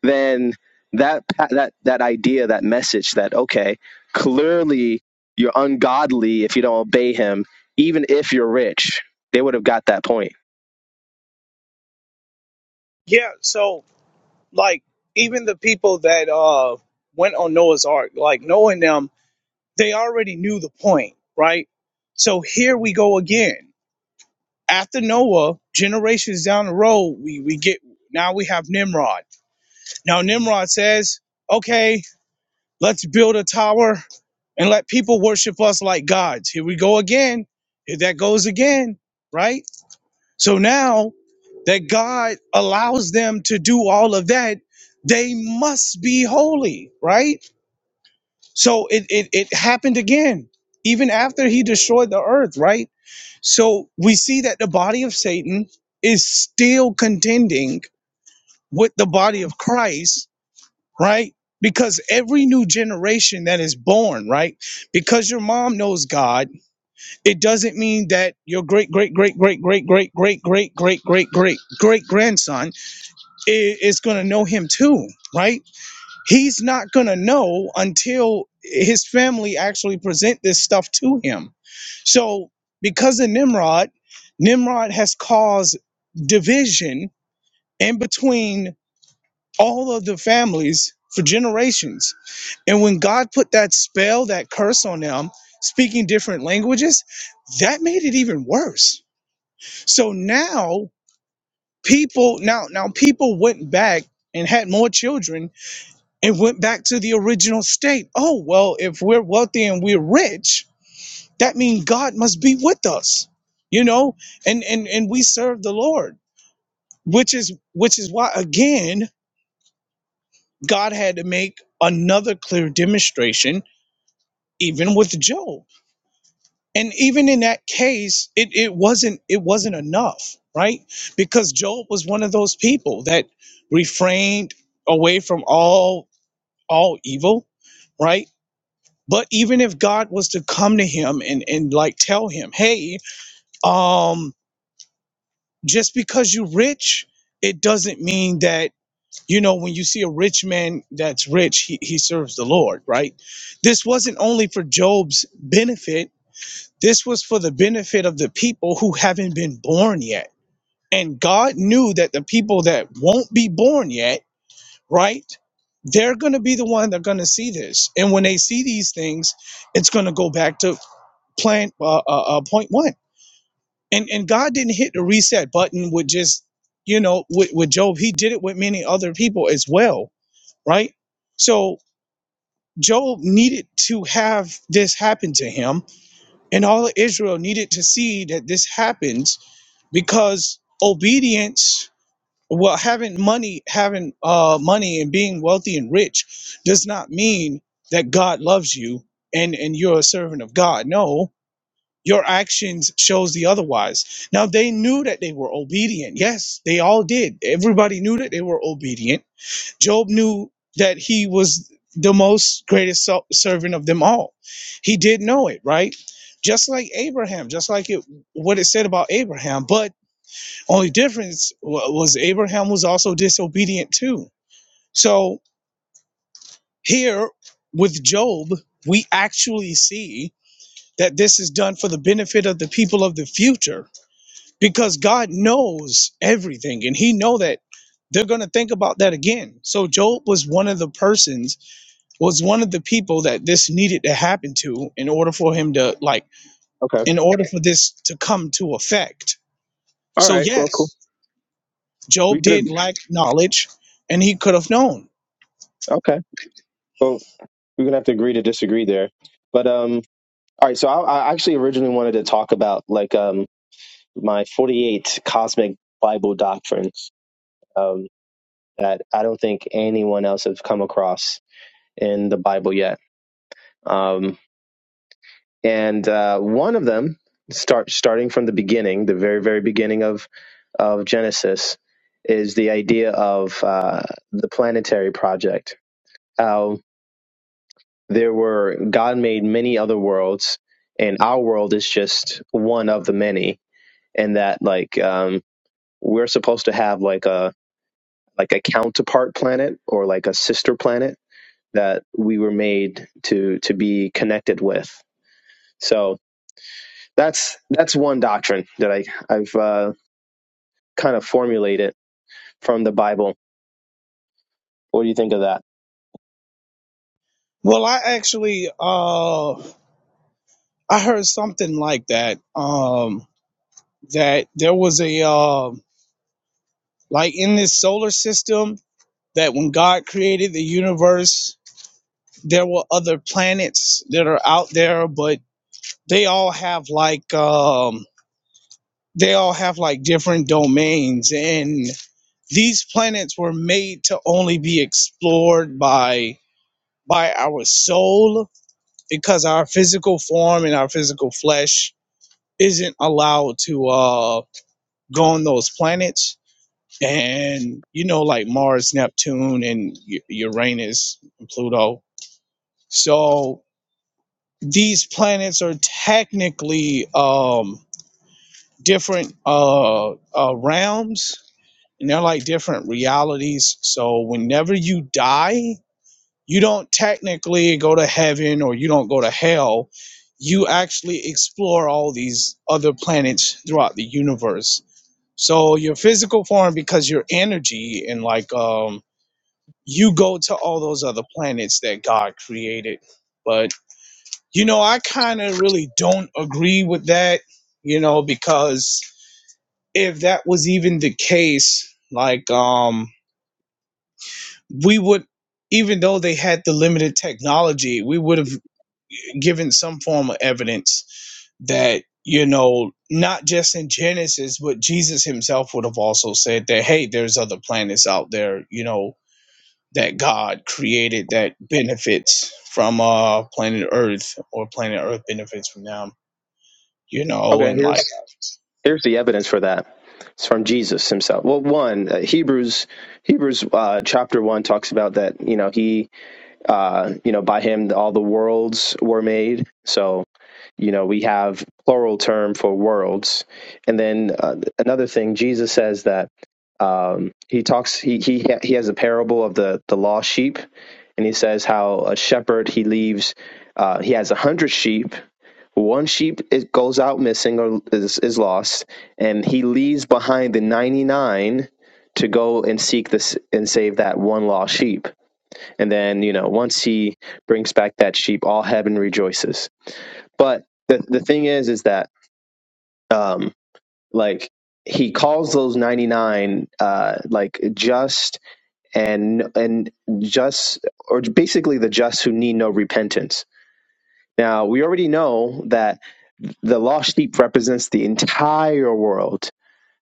[SPEAKER 2] then that that that idea, that message, that okay, clearly you're ungodly if you don't obey him, even if you're rich. They would have got that point.
[SPEAKER 1] Yeah, so like even the people that uh went on Noah's Ark, like knowing them, they already knew the point, right? So here we go again. After Noah, generations down the road, we we get now we have Nimrod. Now Nimrod says, "Okay, let's build a tower and let people worship us like gods." Here we go again. Here that goes again, right? So now that God allows them to do all of that, they must be holy, right? So it, it, it happened again, even after he destroyed the earth, right? So we see that the body of Satan is still contending with the body of Christ, right? Because every new generation that is born, right? Because your mom knows God, it doesn't mean that your great, great, great, great, great, great, great, great, great, great, great, great grandson is going to know him too, right? He's not going to know until his family actually present this stuff to him. So, because of Nimrod, Nimrod has caused division in between all of the families for generations. And when God put that spell, that curse on them, speaking different languages, that made it even worse. So now people now now people went back and had more children and went back to the original state. Oh, well, if we're wealthy and we're rich, that means God must be with us, you know, and, and, and we serve the Lord, which is, which is why, again, God had to make another clear demonstration, even with Job. And even in that case, it, it wasn't, it wasn't enough, right? Because Job was one of those people that refrained away from all, all evil, right? But even if God was to come to him and, and like tell him, hey, um, just because you're rich, it doesn't mean that, you know, when you see a rich man that's rich, he, he serves the Lord, right? This wasn't only for Job's benefit, this was for the benefit of the people who haven't been born yet. And God knew that the people that won't be born yet, right? They're going to be the one that are going to see this. And when they see these things, it's going to go back to plan uh, uh, uh, point one. And and God didn't hit the reset button with just you know with, with Job. He did it with many other people as well, right? So Job needed to have this happen to him, and all of Israel needed to see that this happens because obedience. Well, having money, having uh, money, and being wealthy and rich, does not mean that God loves you and and you're a servant of God. No, your actions shows the otherwise now they knew that they were obedient yes they all did everybody knew that they were obedient job knew that he was the most greatest so- servant of them all he did know it right just like abraham just like it what it said about abraham but only difference wa- was abraham was also disobedient too so here with job we actually see that this is done for the benefit of the people of the future because God knows everything and he know that they're going to think about that again. So Job was one of the persons was one of the people that this needed to happen to in order for him to like
[SPEAKER 2] Okay.
[SPEAKER 1] in order for this to come to effect.
[SPEAKER 2] All
[SPEAKER 1] So
[SPEAKER 2] right. Well, cool.
[SPEAKER 1] yes,
[SPEAKER 2] We
[SPEAKER 1] Job
[SPEAKER 2] could. ag-
[SPEAKER 1] did lack knowledge and he could have known.
[SPEAKER 2] Okay. Well, we're gonna have to agree to disagree there. But um, all right. So I, I actually originally wanted to talk about like um my forty-eight cosmic Bible doctrines um that I don't think anyone else has come across in the Bible yet. Um, and uh, one of them, start starting from the beginning, the very very beginning of of Genesis, is the idea of uh, the planetary project. How there were God made many other worlds, and our world is just one of the many. And that like um, we're supposed to have like a like a counterpart planet or like a sister planet that we were made to to be connected with. So That's that's one doctrine that I I've uh, kind of formulated from the Bible. What do you think of that?
[SPEAKER 1] Well, I actually uh I heard something like that um that there was a um like in this solar system that when God created the universe There were other planets that are out there, but they all have like um, they all have like different domains, and these planets were made to only be explored by by our soul because our physical form and our physical flesh isn't allowed to uh, go on those planets. And you know, like Mars, Neptune, and U- Uranus, and Pluto. So these planets are technically um, different uh, uh, realms and they're like different realities. So whenever you die, you don't technically go to heaven or you don't go to hell. You actually explore all these other planets throughout the universe. So your physical form, because your energy and like um, you go to all those other planets that God created. but. You know, I kind of really don't agree with that, you know, because if that was even the case, like, um, we would, even though they had the limited technology, we would have given some form of evidence that, you know, not just in Genesis, but Jesus himself would have also said that, hey, there's other planets out there, you know, that God created that benefits from uh planet Earth or planet Earth benefits from them, you know,
[SPEAKER 2] Okay,
[SPEAKER 1] and like
[SPEAKER 2] here's here's the evidence for that. It's from Jesus himself. Well, one uh, Hebrews Hebrews uh, chapter one talks about that. You know, he uh, you know by him all the worlds were made. So you know we have plural term for worlds and then uh, another thing jesus says that um, he talks he, he he has a parable of the the lost sheep and he says how a shepherd he leaves uh, he has a hundred sheep one sheep is, goes out missing or is, is lost and he leaves behind the 99 to go and seek this and save that one lost sheep and then you know once he brings back that sheep all heaven rejoices but the the thing is, is that um, like he calls those ninety nine uh, like just and and just or basically the just who need no repentance. Now we already know that the lost sheep represents the entire world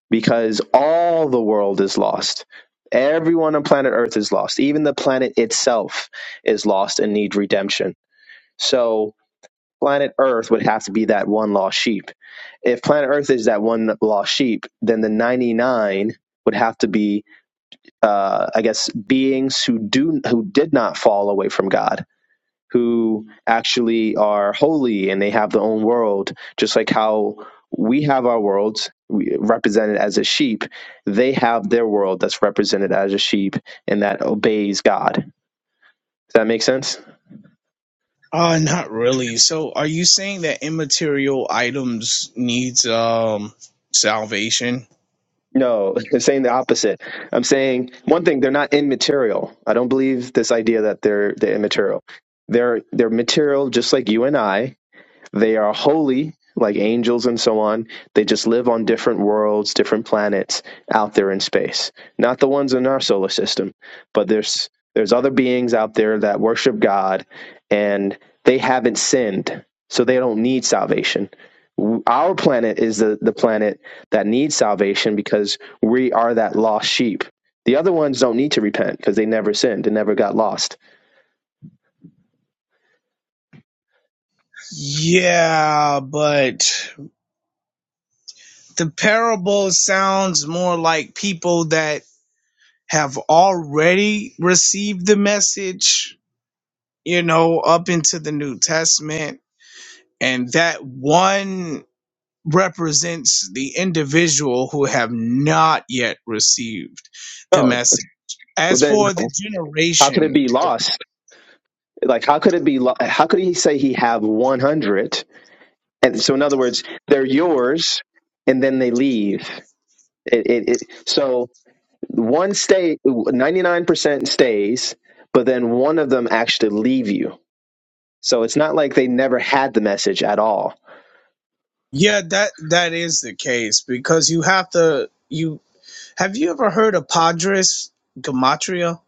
[SPEAKER 2] because all the world is lost. Everyone on planet Earth is lost. Even the planet itself is lost and need redemption. So planet Earth would have to be that one lost sheep. If planet Earth is that one lost sheep, then the 99 would have to be, uh, I guess, beings who do who did not fall away from God, who actually are holy and they have their own world, just like how we have our worlds represented as a sheep. They have their world that's represented as a sheep and that obeys God. Does that make sense?
[SPEAKER 1] Uh, not really. So, are you saying that immaterial items needs um salvation?
[SPEAKER 2] No, (laughs) I'm saying the opposite. I'm saying one thing, they're not immaterial. I don't believe this idea that they're they're immaterial. They're they're material just like you and I, they are holy, like angels and so on. They just live on different worlds, different planets out there in space. Not the ones in our solar system, but there's there's other beings out there that worship God, and they haven't sinned, so they don't need salvation. Our planet is the, the planet that needs salvation because we are that lost sheep. The other ones don't need to repent because they never sinned and never got lost.
[SPEAKER 1] Yeah, but the parable sounds more like people that have already received the message, you know, up into the New Testament, and that one represents the individual who have not yet received the
[SPEAKER 2] Oh,
[SPEAKER 1] message.
[SPEAKER 2] well
[SPEAKER 1] As
[SPEAKER 2] then,
[SPEAKER 1] for the
[SPEAKER 2] how could
[SPEAKER 1] generation,
[SPEAKER 2] it be lost Like, how could it be? li- How could he say he have 100? And so, in other words, they're yours, and then they leave. It, it, it, so one stay, 99% stays, but then one of them actually leave you. So it's not like they never had the message at all.
[SPEAKER 1] Yeah, that that is the case because you have to you have you ever heard of Padres Gematria?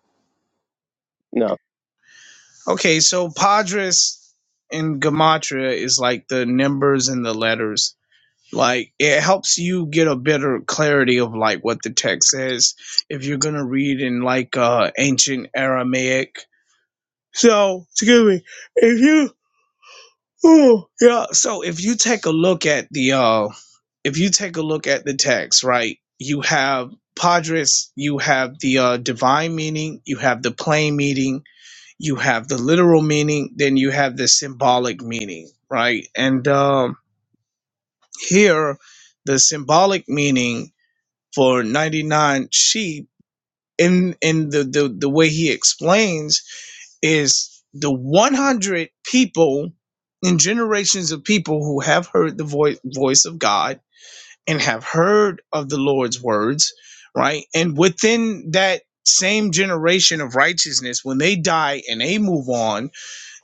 [SPEAKER 2] No.
[SPEAKER 1] Okay, so Padres in Gematria is like the numbers and the letters. Like it helps you get a better clarity of like what the text says if you're gonna read in like uh ancient Aramaic. So excuse me, if you Ooh, yeah. So if you take a look at the uh if you take a look at the text, right, you have Padres, you have the uh, divine meaning, you have the plain meaning, you have the literal meaning, then you have the symbolic meaning, right? And um, here, the symbolic meaning for 99 sheep, in, in the, the, the way he explains, is the 100 people and generations of people who have heard the voice voice of God and have heard of the Lord's words, right? And within that same generation of righteousness, when they die and they move on,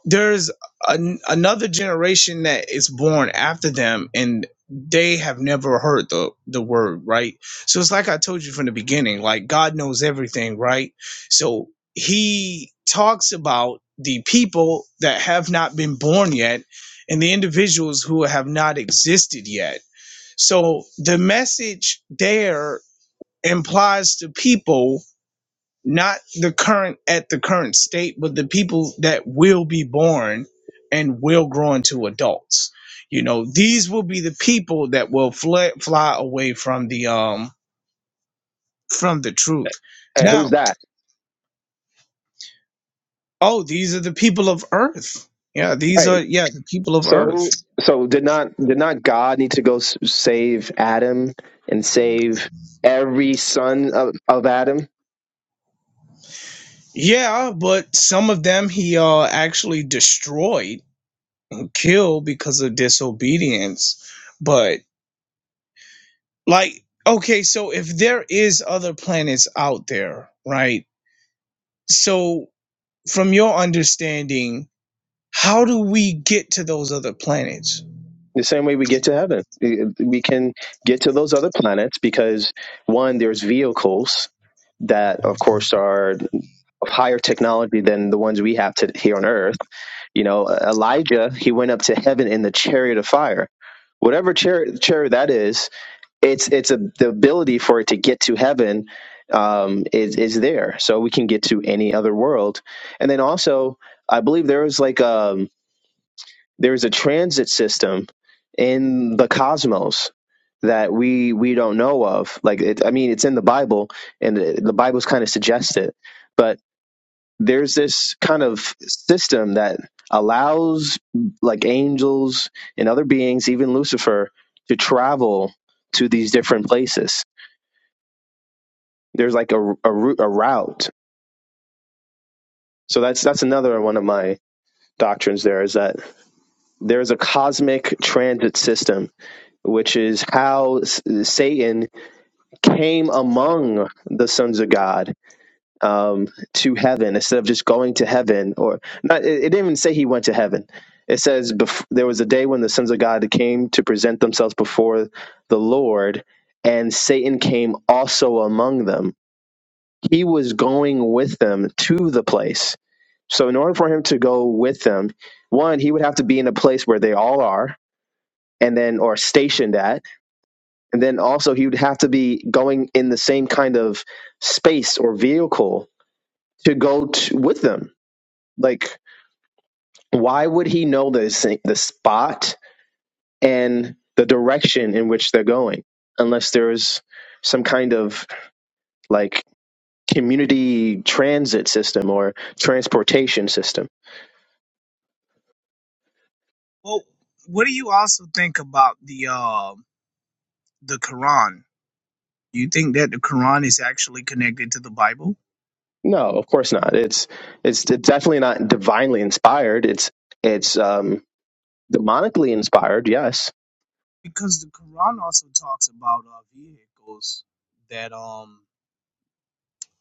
[SPEAKER 1] there's an, another generation that is born after them and they have never heard the the word right so it's like i told you from the beginning like god knows everything right so he talks about the people that have not been born yet and the individuals who have not existed yet so the message there implies to people not the current at the current state, but the people that will be born and will grow into adults. You know, these will be the people that will fly, fly away from the um from the truth.
[SPEAKER 2] And who's
[SPEAKER 1] Now,
[SPEAKER 2] that?
[SPEAKER 1] oh, these are the people of Earth. Yeah, these are
[SPEAKER 2] Right.
[SPEAKER 1] yeah the people of
[SPEAKER 2] So
[SPEAKER 1] Earth.
[SPEAKER 2] who? So did not did not God need to go s- save Adam and save every son of, of Adam?
[SPEAKER 1] Yeah, but some of them he uh actually destroyed, and killed because of disobedience. But Like, okay, so if there is other planets out there, right? So from your understanding, how do we get to those other planets?
[SPEAKER 2] The same way we get to heaven, we can get to those other planets because one, there's vehicles that, of course, are of higher technology than the ones we have to, here on Earth. You know, Elijah, he went up to heaven in the chariot of fire. Whatever chariot, chariot that is, it's it's a, the ability for it to get to heaven um, is is there, so we can get to any other world. And then also, I believe there was like um there's a transit system in the cosmos that we we don't know of. Like, it, I mean, it's in the Bible, and it, the Bible's kind of suggests it, but there's this kind of system that allows like angels and other beings, even Lucifer, to travel to these different places. There's like a a, route, a route. So that's that's another one of my doctrines. There is that there is a cosmic transit system which is how Satan came among the sons of God um, to heaven instead of just going to heaven, or not, it, it didn't even say he went to heaven. It says bef- there was a day when the sons of God came to present themselves before the Lord, and Satan came also among them. He was going with them to the place. So, in order for him to go with them, one, he would have to be in a place where they all are, and then, or stationed at And then also he would have to be going in the same kind of space or vehicle to go to, with them. Like, why would he know the the spot and the direction in which they're going unless there's some kind of like community transit system or transportation system?
[SPEAKER 1] Well, what do you also think about the uh, the Quran? Do you think that the Quran is actually connected to the Bible?
[SPEAKER 2] No, of course not. It's it's definitely not divinely inspired. It's it's um, demonically inspired, yes,
[SPEAKER 1] Because the Quran also talks about uh, vehicles that um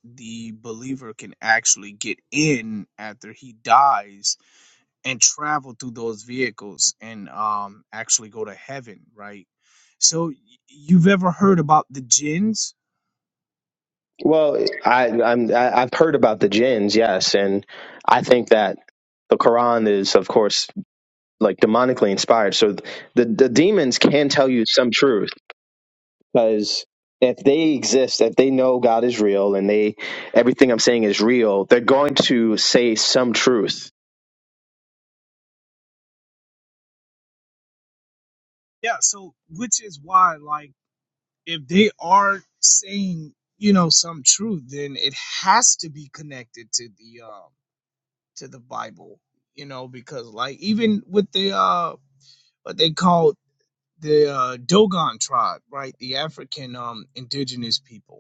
[SPEAKER 1] the believer can actually get in after he dies and travel through those vehicles and um actually go to heaven, right? So y- you've ever heard about the jinns?
[SPEAKER 2] Well, I, I'm I- I've heard about the jinns, yes, and I think that the Quran is, of course, like demonically inspired. So the the demons can tell you some truth because if they exist, if they know God is real, and they everything I'm saying is real, they're going to say some truth.
[SPEAKER 1] Yeah, so which is why like if they are saying, you know, some truth, then it has to be connected to the um to the Bible, you know, because like even with the uh what they call the uh, Dogon tribe, right? The African um indigenous people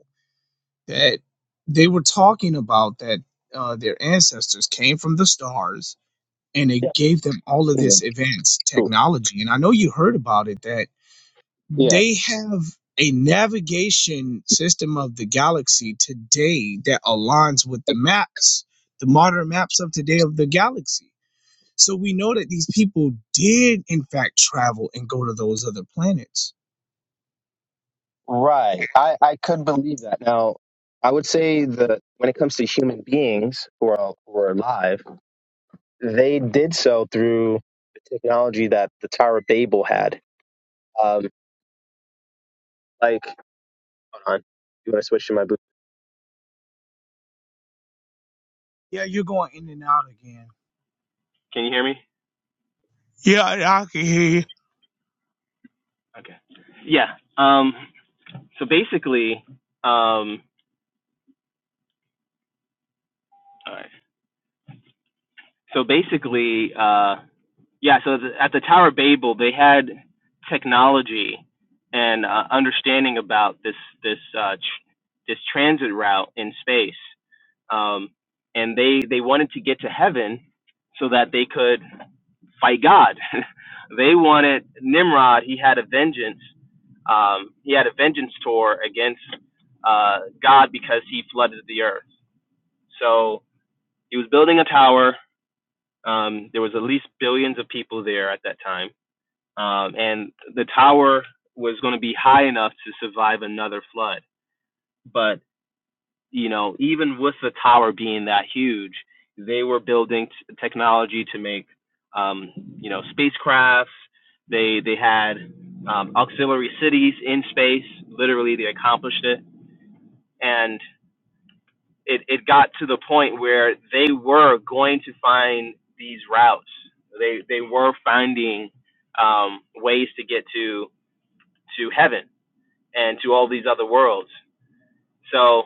[SPEAKER 1] that they were talking about that uh, their ancestors came from the stars and
[SPEAKER 2] Yeah,
[SPEAKER 1] it gave them all of
[SPEAKER 2] yeah,
[SPEAKER 1] this advanced
[SPEAKER 2] true.
[SPEAKER 1] technology. And I know you heard about it that
[SPEAKER 2] Yeah,
[SPEAKER 1] they have a navigation system of the galaxy today that aligns with the maps, the modern maps of today of the galaxy. So we know that these people did, in fact, travel and go to those other planets.
[SPEAKER 2] right. I I could believe that. Now, I would say that when it comes to human beings who are who are alive they did so through the technology that the Tower of Babel had. Um, like, hold on, you want to switch to my boot?
[SPEAKER 1] Yeah, you're going in and out again. Yeah, I can hear you.
[SPEAKER 2] Okay. Yeah. Um, so basically, um, all right. so basically, uh, yeah. So the, at the Tower of Babel, they had technology and uh, understanding about this this uh, tr- this transit route in space, um, and they they wanted to get to heaven so that they could. fight God. (laughs) they wanted Nimrod. He had a vengeance. Um, he had a vengeance tour against uh, God because he flooded the earth. So he was building a tower. Um, there was at least billions of people there at that time, um, and the tower was going to be high enough to survive another flood. But you know, even with the tower being that huge, they were building t- technology to make, um, you know, spacecrafts. They they had um, auxiliary cities in space. Literally, they accomplished it, and it it got to the point where they were going to find these routes. They they were finding um, ways to get to to heaven and to all these other worlds. So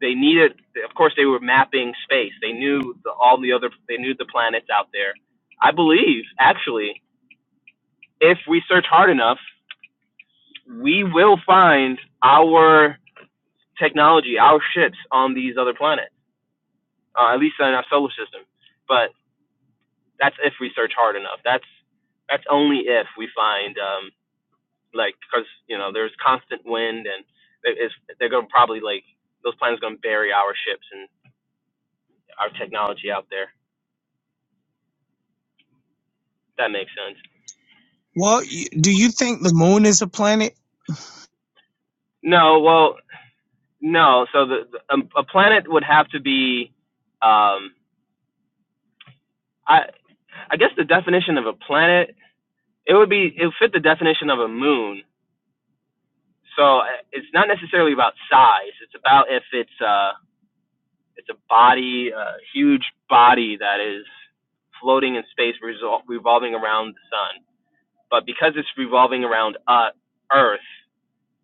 [SPEAKER 2] they needed, of course, they were mapping space. They knew the, all the other, they knew the planets out there. I believe, actually, if we search hard enough, we will find our technology, our ships on these other planets, uh, at least in our solar system. But that's if we search hard enough. That's that's only if we find um, like because you know there's constant wind and there is, they're gonna probably like those planets gonna bury our ships and our technology out there. That makes sense.
[SPEAKER 1] Well, y- do you think the moon is a planet?
[SPEAKER 2] No, well, no. So the, the um, a planet would have to be, um, I I guess the definition of a planet it would be it would fit the definition of a moon. So uh, it's not necessarily about size. It's about if it's uh it's a body, a huge body that is floating in space, resol- revolving around the sun. But because it's revolving around uh, Earth,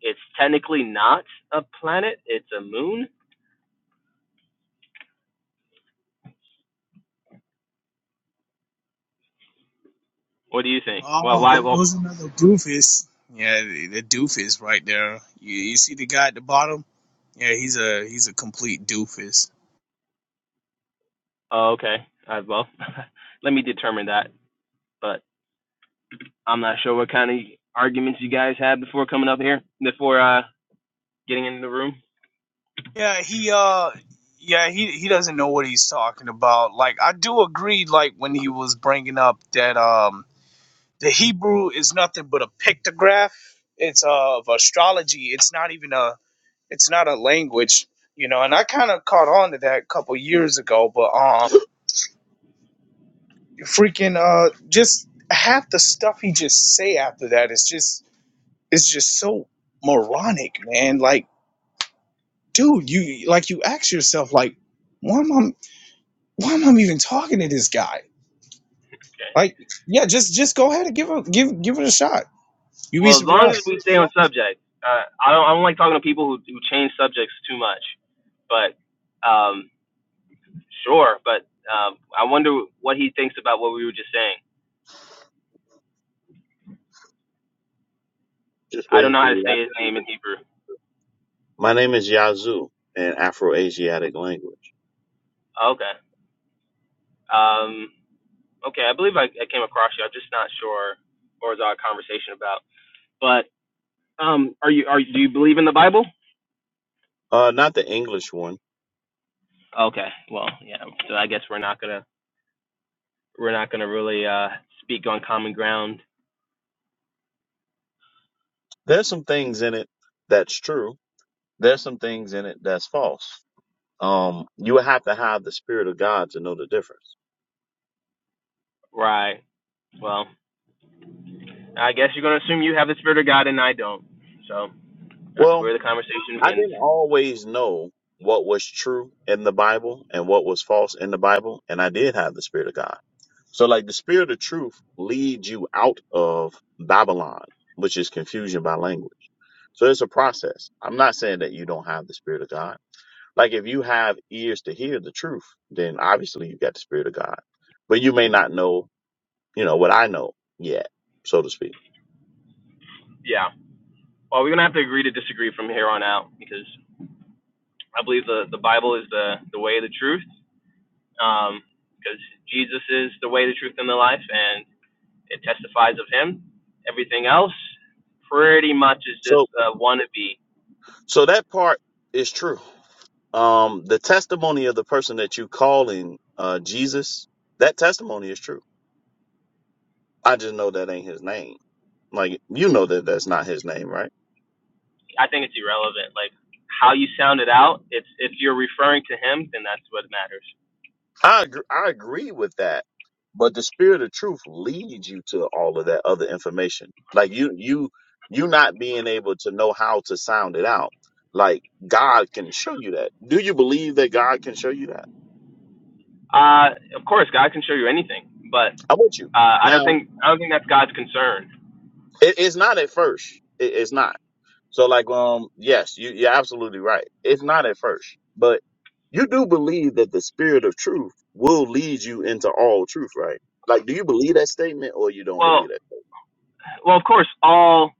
[SPEAKER 2] it's technically not a planet. It's a moon. What do you think? Well,
[SPEAKER 1] Oh,
[SPEAKER 2] why?
[SPEAKER 1] there
[SPEAKER 2] Well,
[SPEAKER 1] goes another doofus. Yeah, the, the doofus right there. You, you see the guy at the bottom? Yeah, he's a he's a complete doofus.
[SPEAKER 2] Oh, okay. All right, well, (laughs) let me determine that. But I'm not sure what kind of arguments you guys had before coming up here, before uh, getting into the room.
[SPEAKER 1] Yeah, he uh, yeah he he doesn't know what he's talking about. Like I do agree. Like when he was bringing up that um the Hebrew is nothing but a pictograph. It's uh, of astrology. It's not even a it's not a language. You know, and I kind of caught on to that a couple years ago, but um. freaking uh just half the stuff he just say after that is just it's just so moronic man like dude you like you ask yourself like why am i why am i even talking to this guy
[SPEAKER 2] Okay.
[SPEAKER 1] like yeah just just go ahead and give a give give it a shot you'd be
[SPEAKER 2] Well, as long
[SPEAKER 1] surprised
[SPEAKER 2] as we stay on subject, uh, I don't I don't like talking to people who, who change subjects too much. But um, sure. But um, I wonder what he thinks about what we were just saying.
[SPEAKER 3] Just
[SPEAKER 2] I don't
[SPEAKER 3] waiting
[SPEAKER 2] know
[SPEAKER 3] for
[SPEAKER 2] how to
[SPEAKER 3] you.
[SPEAKER 2] say his name in Hebrew.
[SPEAKER 3] My name is Yazoo in Afro-Asiatic language.
[SPEAKER 2] Okay. Um, okay. I believe I, I came across you. I'm just not sure what was our conversation about. But Um, are you are do you believe in the Bible?
[SPEAKER 3] Uh, not the English one.
[SPEAKER 2] Okay, well, yeah. So I guess we're not gonna we're not gonna really uh speak on common ground,
[SPEAKER 3] There's some things in it that's true. There's some things in it that's false. Um, you would have to have the spirit of God to know the difference.
[SPEAKER 2] right? Well, I guess you're gonna assume you have the Spirit of God and I don't. So that's
[SPEAKER 3] Well,
[SPEAKER 2] where the conversation
[SPEAKER 3] I
[SPEAKER 2] begins.
[SPEAKER 3] didn't always know what was true in the Bible and what was false in the Bible, and I did have the spirit of God. So, like the spirit of truth leads you out of Babylon, which is confusion by language. So it's a process. I'm not saying that you don't have the Spirit of God. Like if you have ears to hear the truth, then obviously you got the Spirit of God. But you may not know, you know, what I know yet, so to speak.
[SPEAKER 2] Yeah. Well, we're gonna have to agree to disagree from here on out because I believe the the Bible is the the way, the truth. Um, because Jesus is the way, the truth, and the life, and it testifies of Him. Everything else pretty much is just
[SPEAKER 3] So
[SPEAKER 2] a wannabe
[SPEAKER 3] so that part is true. Um the testimony of the person that you calling uh Jesus, that testimony is true. I just know that ain't his name. Like you know that that's not his name, right?
[SPEAKER 2] I think it's irrelevant. Like how you sound it out, it's if you're referring to him, then that's what matters.
[SPEAKER 3] I agree, I agree with that. But the spirit of truth leads you to all of that other information. Like you you you not being able to know how to sound it out. Like God can show you that. Do you believe that God can show you that?
[SPEAKER 2] Uh, of course, God can show you anything, but
[SPEAKER 3] I'm with you.
[SPEAKER 2] uh, I don't
[SPEAKER 3] Now
[SPEAKER 2] think I don't think that's God's concern.
[SPEAKER 3] it, it's not at first. It, it's not. So like um yes, you you're absolutely right. It's not at first, but you do believe that the spirit of truth will lead you into all truth, right? Like, do you believe that statement or you don't believe
[SPEAKER 2] Well,
[SPEAKER 3] that?
[SPEAKER 2] well, of course, all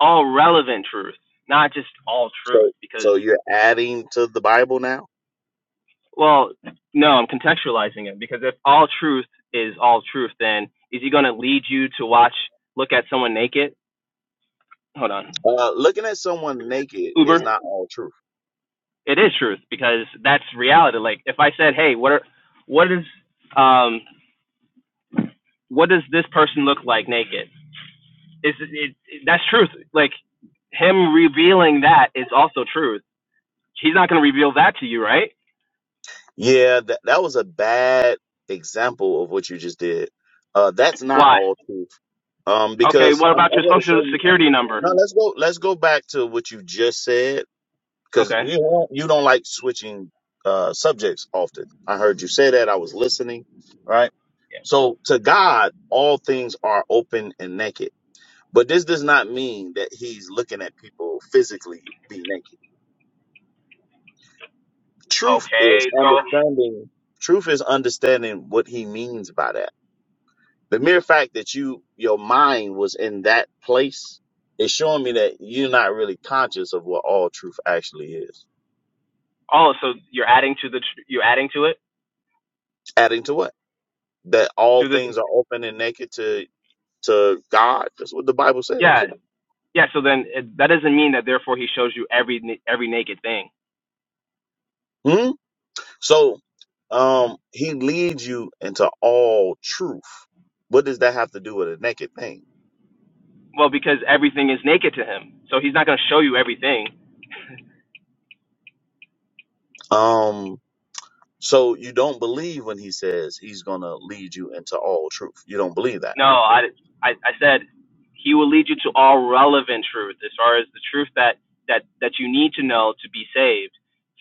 [SPEAKER 2] all relevant truth, not just all truth,
[SPEAKER 3] So,
[SPEAKER 2] because
[SPEAKER 3] so you're adding to the Bible now?
[SPEAKER 2] well, no, I'm contextualizing it because if all truth is all truth, then is he going to lead you to watch look at someone naked? Hold on,
[SPEAKER 3] Uh, looking at someone naked is
[SPEAKER 2] Uber.
[SPEAKER 3] not all truth.
[SPEAKER 2] it is truth because that's reality. Like if I said, "Hey, what are what is um what does this person look like naked?" Is it, it that's truth. Like him revealing that is also truth. He's not going to reveal that to you, right?
[SPEAKER 3] Yeah, that, that was a bad example of what you just did. Uh, that's not
[SPEAKER 2] Why?
[SPEAKER 3] all truth. Um,
[SPEAKER 2] Okay,
[SPEAKER 3] because
[SPEAKER 2] what
[SPEAKER 3] I'm,
[SPEAKER 2] about
[SPEAKER 3] I'm
[SPEAKER 2] your
[SPEAKER 3] going to
[SPEAKER 2] social
[SPEAKER 3] show you.
[SPEAKER 2] security number?
[SPEAKER 3] No, let's go, let's go back to what you just said. Cause
[SPEAKER 2] Okay.
[SPEAKER 3] you don't, you don't like switching, uh, subjects often. I heard you say that. I was listening. Right. So to God, all things are open and naked. But this does not mean that he's looking at people physically be naked. Truth is
[SPEAKER 2] Okay. So
[SPEAKER 3] understanding truth is understanding what he means by that. The mere fact that you your mind was in that place is showing me that you're not really conscious of what all truth actually is.
[SPEAKER 2] oh, so you're adding to the you're adding to it
[SPEAKER 3] Adding to what? That all
[SPEAKER 2] to the
[SPEAKER 3] things are open and naked to to God. That's what the Bible
[SPEAKER 2] yeah.
[SPEAKER 3] says.
[SPEAKER 2] Yeah, so then it, that doesn't mean that therefore he shows you every every naked thing.
[SPEAKER 3] Hmm? So um he leads you into all truth. What does that have to do with a naked thing?
[SPEAKER 2] Well, because everything is naked to him, so he's not going to show you everything.
[SPEAKER 3] Um, so you don't believe when he says he's going to lead you into all truth. You don't believe that.
[SPEAKER 2] No, I, I, I said he will lead you to all relevant truth, as far as the truth that that that you need to know to be saved.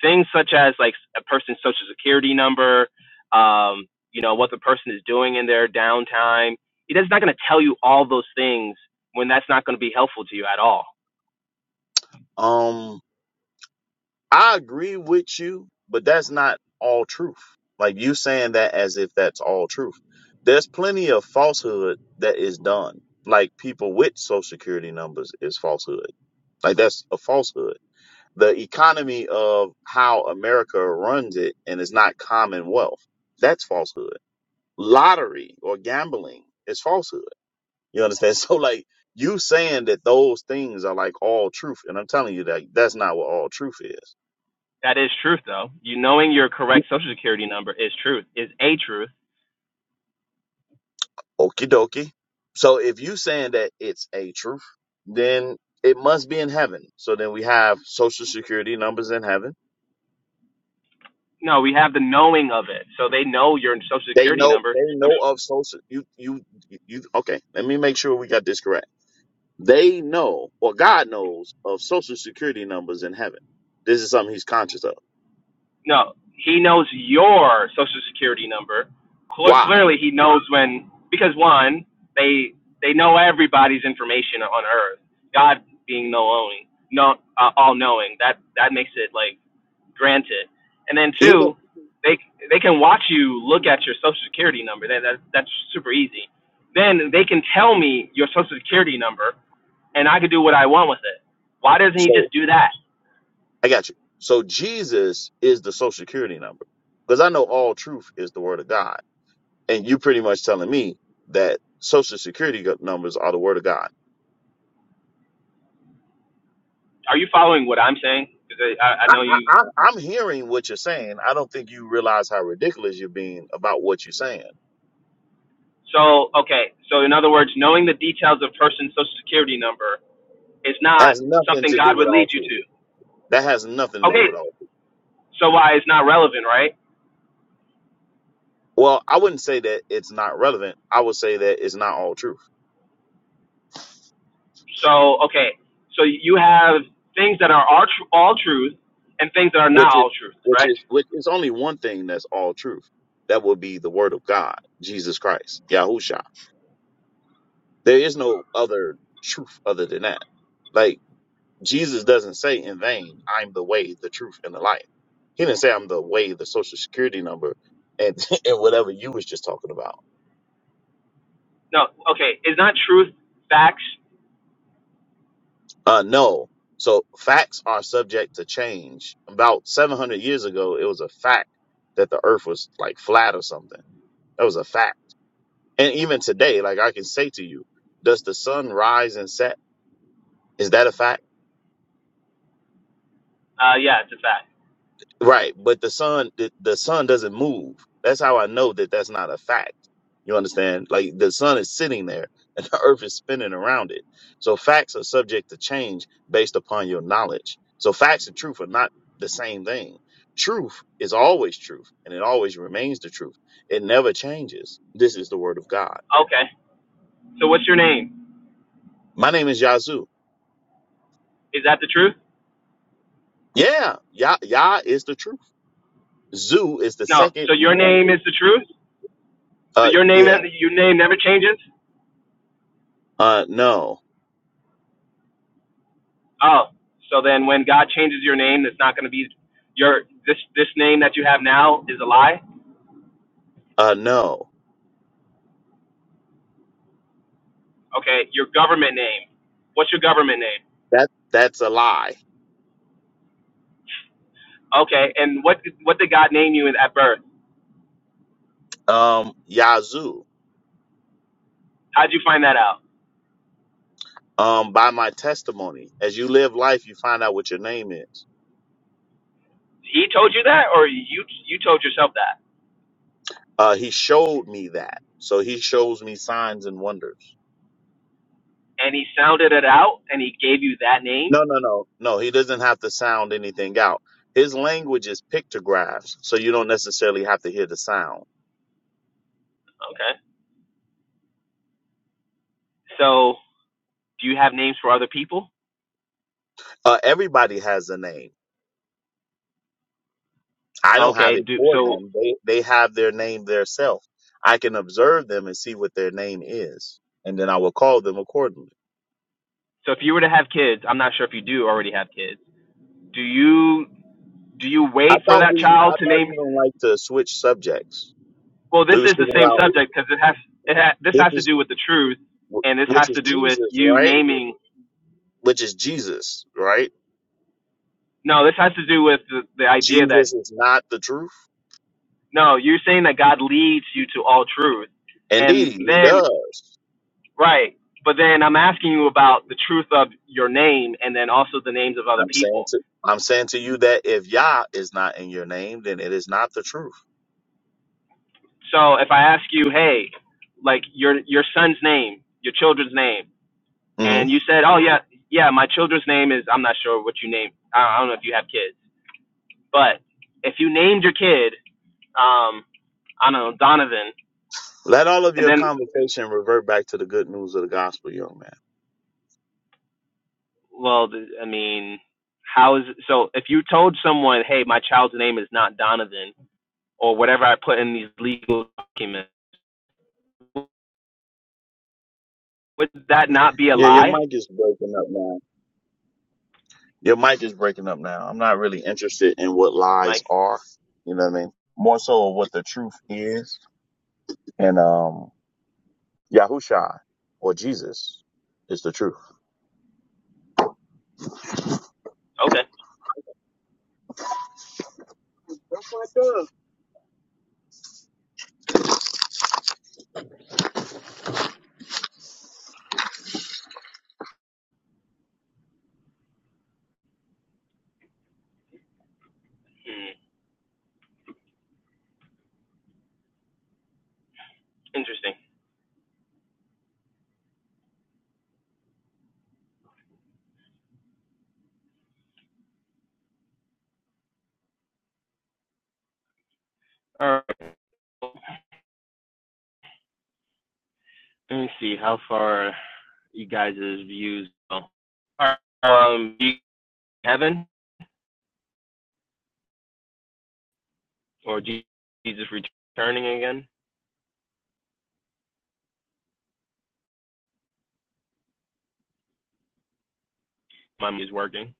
[SPEAKER 2] Things such as like a person's social security number, um, you know what the person is doing in their downtime. He is not going to tell you all those things when that's not going to be helpful to you at all.
[SPEAKER 3] Um, I agree with you, but that's not all truth. Like you saying that as if that's all truth. There's plenty of falsehood that is done. Like people with social security numbers is falsehood. Like that's a falsehood. The economy of how America runs it and it's not commonwealth. That's falsehood. Lottery or gambling is falsehood. You understand? (laughs) So like you saying that those things are like all truth. And I'm telling you that that's not what all truth is.
[SPEAKER 2] That is truth, though. You knowing your correct social security number is truth, is a truth
[SPEAKER 3] Okie dokie. So if you saying that it's a truth, then it must be in heaven. So then we have social security numbers in heaven.
[SPEAKER 2] No, we have the knowing of it. So they know your social
[SPEAKER 3] They
[SPEAKER 2] security
[SPEAKER 3] know
[SPEAKER 2] number.
[SPEAKER 3] they
[SPEAKER 2] I'm,
[SPEAKER 3] know
[SPEAKER 2] s-
[SPEAKER 3] of social you you you okay, let me make sure we got this correct. They know or God knows of social security numbers in heaven. This is something he's conscious of.
[SPEAKER 2] no, he knows your social security number. Cle
[SPEAKER 3] Why?
[SPEAKER 2] clearly, he knows when because one, they they know everybody's information on Earth. God being no knowing, no uh, all knowing. That that makes it like granted. And then
[SPEAKER 3] Even
[SPEAKER 2] two, they they can watch you look at your social security number. That, that that's super easy. Then they can tell me your social security number and I could do what I want with it. Why doesn't he
[SPEAKER 3] so
[SPEAKER 2] just do that?
[SPEAKER 3] I got you. So Jesus is the social security number. Because I know all truth is the word of God. and you pretty much telling me that social security go- numbers are the word of God.
[SPEAKER 2] Are you following what I'm saying? Because I, I,
[SPEAKER 3] I,
[SPEAKER 2] know
[SPEAKER 3] I,
[SPEAKER 2] you.
[SPEAKER 3] I- I'm hearing what you're saying. I don't think you realize how ridiculous you're being about what you're saying.
[SPEAKER 2] So, okay. So, in other words, knowing the details of person's social security number is not
[SPEAKER 3] Has nothing
[SPEAKER 2] something
[SPEAKER 3] to do
[SPEAKER 2] God
[SPEAKER 3] with
[SPEAKER 2] would
[SPEAKER 3] all
[SPEAKER 2] lead you
[SPEAKER 3] food.
[SPEAKER 2] to.
[SPEAKER 3] That has nothing to do
[SPEAKER 2] Okay.
[SPEAKER 3] with all food.
[SPEAKER 2] So, why it's not relevant, right?
[SPEAKER 3] Well, I wouldn't say that it's not relevant. I would say that it's not all truth,
[SPEAKER 2] So, okay. So, you have things that are all, tr- all truth and things that are
[SPEAKER 3] which
[SPEAKER 2] not
[SPEAKER 3] is
[SPEAKER 2] all truth,
[SPEAKER 3] which
[SPEAKER 2] right?
[SPEAKER 3] is which is only one thing that's all truth. That would be the word of God, Jesus Christ, Yahusha. There is no other truth other than that. Like Jesus doesn't say in vain, I'm the way, the truth, and the life. He didn't say I'm the way, the social security number, and, (laughs) and whatever you was just talking about.
[SPEAKER 2] No. Okay. Is not truth facts?
[SPEAKER 3] Uh, no. So facts are subject to change. About 700 years ago, it was a fact that the earth was like flat or something. That was a fact. And even today, like I can say to you, does the sun rise and set? Is that a fact?
[SPEAKER 2] Uh, yeah, it's a fact.
[SPEAKER 3] Right, but the sun the, the sun doesn't move. That's how I know that that's not a fact. You understand? Like the sun is sitting there (laughs) and the earth is spinning around it. So facts are subject to change based upon your knowledge. So facts and truth are not the same thing. Truth is always truth and it always remains the truth. It never changes. This is the word of God.
[SPEAKER 2] Okay. So, what's your name?
[SPEAKER 3] My name is Yazoo.
[SPEAKER 2] Is that the truth?
[SPEAKER 3] Yeah, Yah Yah is the truth. Zoo is the
[SPEAKER 2] No.
[SPEAKER 3] second
[SPEAKER 2] So, your
[SPEAKER 3] one.
[SPEAKER 2] name is the truth? So
[SPEAKER 3] Uh
[SPEAKER 2] your name,
[SPEAKER 3] yeah.
[SPEAKER 2] your name never changes.
[SPEAKER 3] Uh no.
[SPEAKER 2] Oh, so then when God changes your name, it's not going to be your this this name that you have now is a lie.
[SPEAKER 3] Uh no.
[SPEAKER 2] Okay, your government name. What's your government name?
[SPEAKER 3] That that's a lie.
[SPEAKER 2] Okay, and what what did God name you at birth?
[SPEAKER 3] Um, Yazoo.
[SPEAKER 2] How'd you find that out?
[SPEAKER 3] Um, by my testimony, as you live life, you find out what your name is.
[SPEAKER 2] He told you that, or you you told yourself that,
[SPEAKER 3] Uh, he showed me that, so he shows me signs and wonders.
[SPEAKER 2] and he sounded it out, and he gave you that name.
[SPEAKER 3] No, no, no, no. He doesn't have to sound anything out. His language is pictographs, so you don't necessarily have to hear the sound.
[SPEAKER 2] Okay. So do you have names for other people?
[SPEAKER 3] Uh, everybody has a name. I don't have
[SPEAKER 2] Okay.
[SPEAKER 3] it
[SPEAKER 2] Do
[SPEAKER 3] for
[SPEAKER 2] so.
[SPEAKER 3] them. They they have their name theirself. I can observe them and see what their name is, and then I will call them accordingly.
[SPEAKER 2] So if you were to have kids, I'm not sure if you do already have kids. Do you Do you
[SPEAKER 3] I
[SPEAKER 2] wait for
[SPEAKER 3] thought
[SPEAKER 2] that
[SPEAKER 3] we, I
[SPEAKER 2] child to
[SPEAKER 3] thought
[SPEAKER 2] name?
[SPEAKER 3] you don't like to switch subjects.
[SPEAKER 2] Well,
[SPEAKER 3] We
[SPEAKER 2] this
[SPEAKER 3] were
[SPEAKER 2] is the
[SPEAKER 3] speaking
[SPEAKER 2] same
[SPEAKER 3] about
[SPEAKER 2] subject because it has it ha, this
[SPEAKER 3] this
[SPEAKER 2] has to
[SPEAKER 3] is
[SPEAKER 2] do with the truth, and this has
[SPEAKER 3] which is
[SPEAKER 2] to do with
[SPEAKER 3] Jesus,
[SPEAKER 2] you
[SPEAKER 3] right?
[SPEAKER 2] naming.
[SPEAKER 3] Which is Jesus, right?
[SPEAKER 2] No, this has to do with the, the idea that
[SPEAKER 3] Jesus is not the truth.
[SPEAKER 2] no, you're saying that God leads you to all truth, and
[SPEAKER 3] Indeed, he
[SPEAKER 2] then
[SPEAKER 3] does.
[SPEAKER 2] right, but then I'm asking you about the truth of your name, and then also the names of other
[SPEAKER 3] I'm saying
[SPEAKER 2] people.
[SPEAKER 3] to, I'm saying to you that if Yah is not in your name, then it is not the truth.
[SPEAKER 2] So if I ask you, hey, like your your son's name, your children's name
[SPEAKER 3] hmm
[SPEAKER 2] and you said, "Oh yeah, yeah, my children's name is I'm not sure what you named. I don't know if you have kids, but if you named your kid, um, I don't know Donovan,
[SPEAKER 3] Let all of
[SPEAKER 2] and
[SPEAKER 3] your
[SPEAKER 2] then
[SPEAKER 3] conversation revert back to the good news of the gospel, young man.
[SPEAKER 2] well, I mean, how is it? so? If you told someone, "Hey, my child's name is not Donovan," or whatever I put in these legal documents, would that not be a
[SPEAKER 3] Yeah, your
[SPEAKER 2] lie?
[SPEAKER 3] mic is breaking up now. Your mic is breaking up now. I'm not really interested in what lies
[SPEAKER 2] Like,
[SPEAKER 3] are. You know what I mean? More so of what the truth is. And um Yahusha or Jesus is the truth.
[SPEAKER 2] okay, hmm, interesting. All right, let me see how far you guys' views go. All right, um, Kevin. or Jesus returning again? My mind is working.